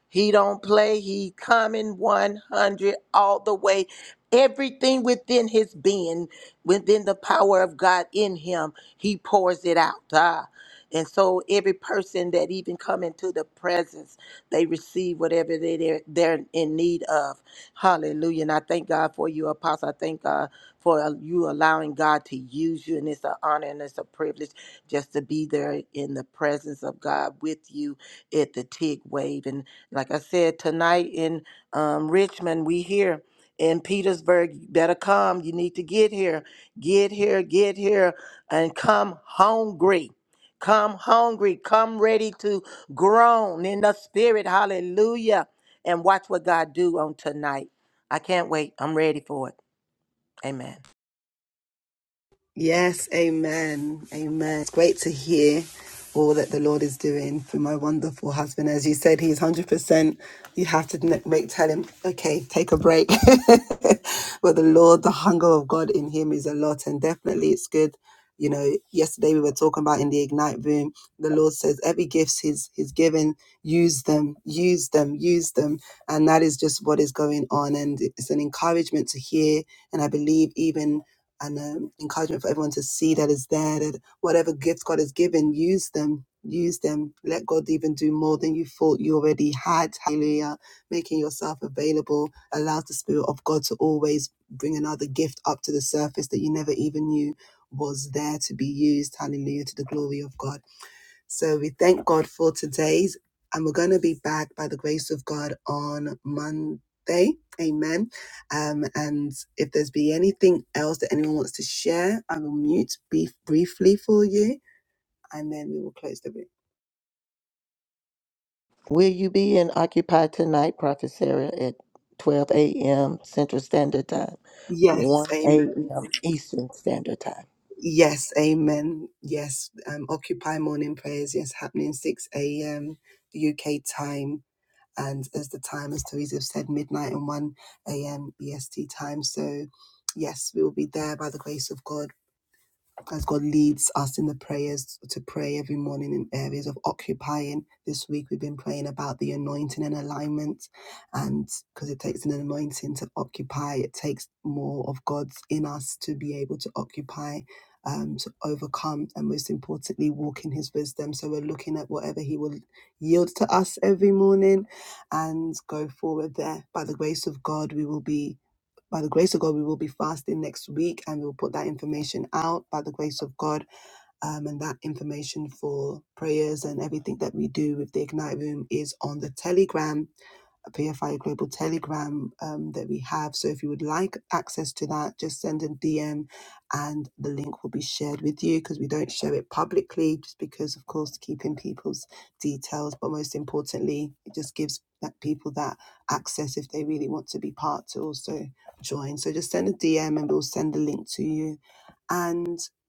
[SPEAKER 3] He don't play. He coming 100 all the way. Everything within his being, within the power of God in him, he pours it out. Ah. And so every person that even come into the presence, they receive whatever they, they're, they're in need of. Hallelujah. And I thank God for you, Apostle. I thank God for you allowing God to use you. And it's an honor and it's a privilege just to be there in the presence of God with you at the TIG wave. And like I said, tonight in um, Richmond, we here in Petersburg. You better come. You need to get here. Get here, get here, and come hungry. Come hungry. Come ready to groan in the spirit. Hallelujah. And watch what God do on tonight. I can't wait. I'm ready for it. Amen.
[SPEAKER 1] Yes, amen. Amen. It's great to hear all that the Lord is doing through my wonderful husband. As you said, he's 100%. You have to ne- make, tell him, okay, take a break. [laughs] but the Lord, the hunger of God in him is a lot. And definitely it's good. You know, yesterday we were talking about in the Ignite room, the Lord says every gift he's, he's given, use them, use them, use them. And that is just what is going on. And it's an encouragement to hear. And I believe even and um, encouragement for everyone to see that is there that whatever gifts God has given, use them, use them. Let God even do more than you thought you already had. Hallelujah. Making yourself available allows the Spirit of God to always bring another gift up to the surface that you never even knew was there to be used. Hallelujah to the glory of God. So we thank God for today's, and we're going to be back by the grace of God on Monday. Amen. Um, and if there's be anything else that anyone wants to share, I will mute brief- briefly for you, and then we will close the room.
[SPEAKER 3] Will you be in Occupy tonight, Prophet Sarah, at 12 a.m. Central Standard Time,
[SPEAKER 1] Yes,
[SPEAKER 3] 1
[SPEAKER 1] amen.
[SPEAKER 3] a.m. Eastern Standard Time?
[SPEAKER 1] Yes, amen. Yes, um, Occupy morning prayers. Yes, happening 6 a.m. UK time. And as the time, as Teresa have said, midnight and 1 a.m. EST time. So, yes, we will be there by the grace of God as God leads us in the prayers to pray every morning in areas of occupying. This week we've been praying about the anointing and alignment, and because it takes an anointing to occupy, it takes more of God's in us to be able to occupy. Um, to overcome and most importantly walk in his wisdom so we're looking at whatever he will yield to us every morning and go forward there by the grace of god we will be by the grace of God, we will be fasting next week and we'll put that information out by the grace of God. Um, and that information for prayers and everything that we do with the Ignite Room is on the Telegram, a PFI Global Telegram um, that we have. So if you would like access to that, just send a DM and the link will be shared with you because we don't share it publicly, just because, of course, keeping people's details. But most importantly, it just gives that people that access if they really want to be part to also join. So just send a DM and we'll send the link to you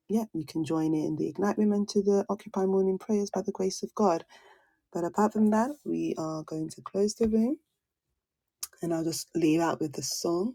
[SPEAKER 1] yeah, you can join in the Ignite Women to the Occupy Morning Prayers by the grace of God. But apart from that, we are going to close the room and I'll just leave out with the song.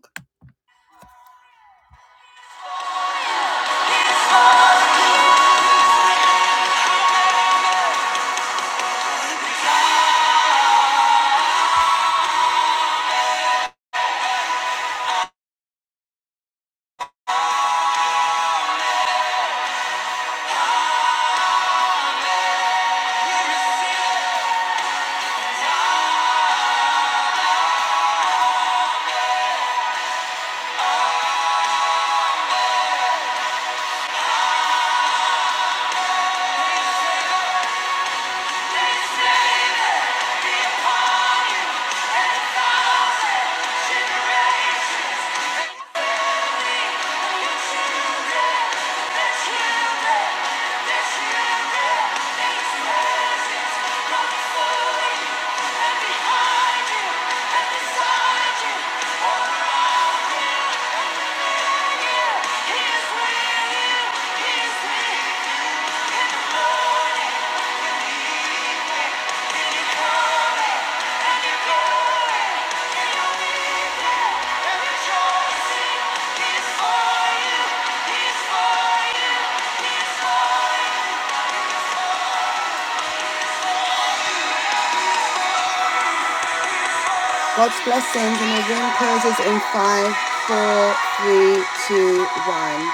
[SPEAKER 1] He is with you, he is with you, and rejoice in his arms. God's blessings and again closes in five, four, three, two, one.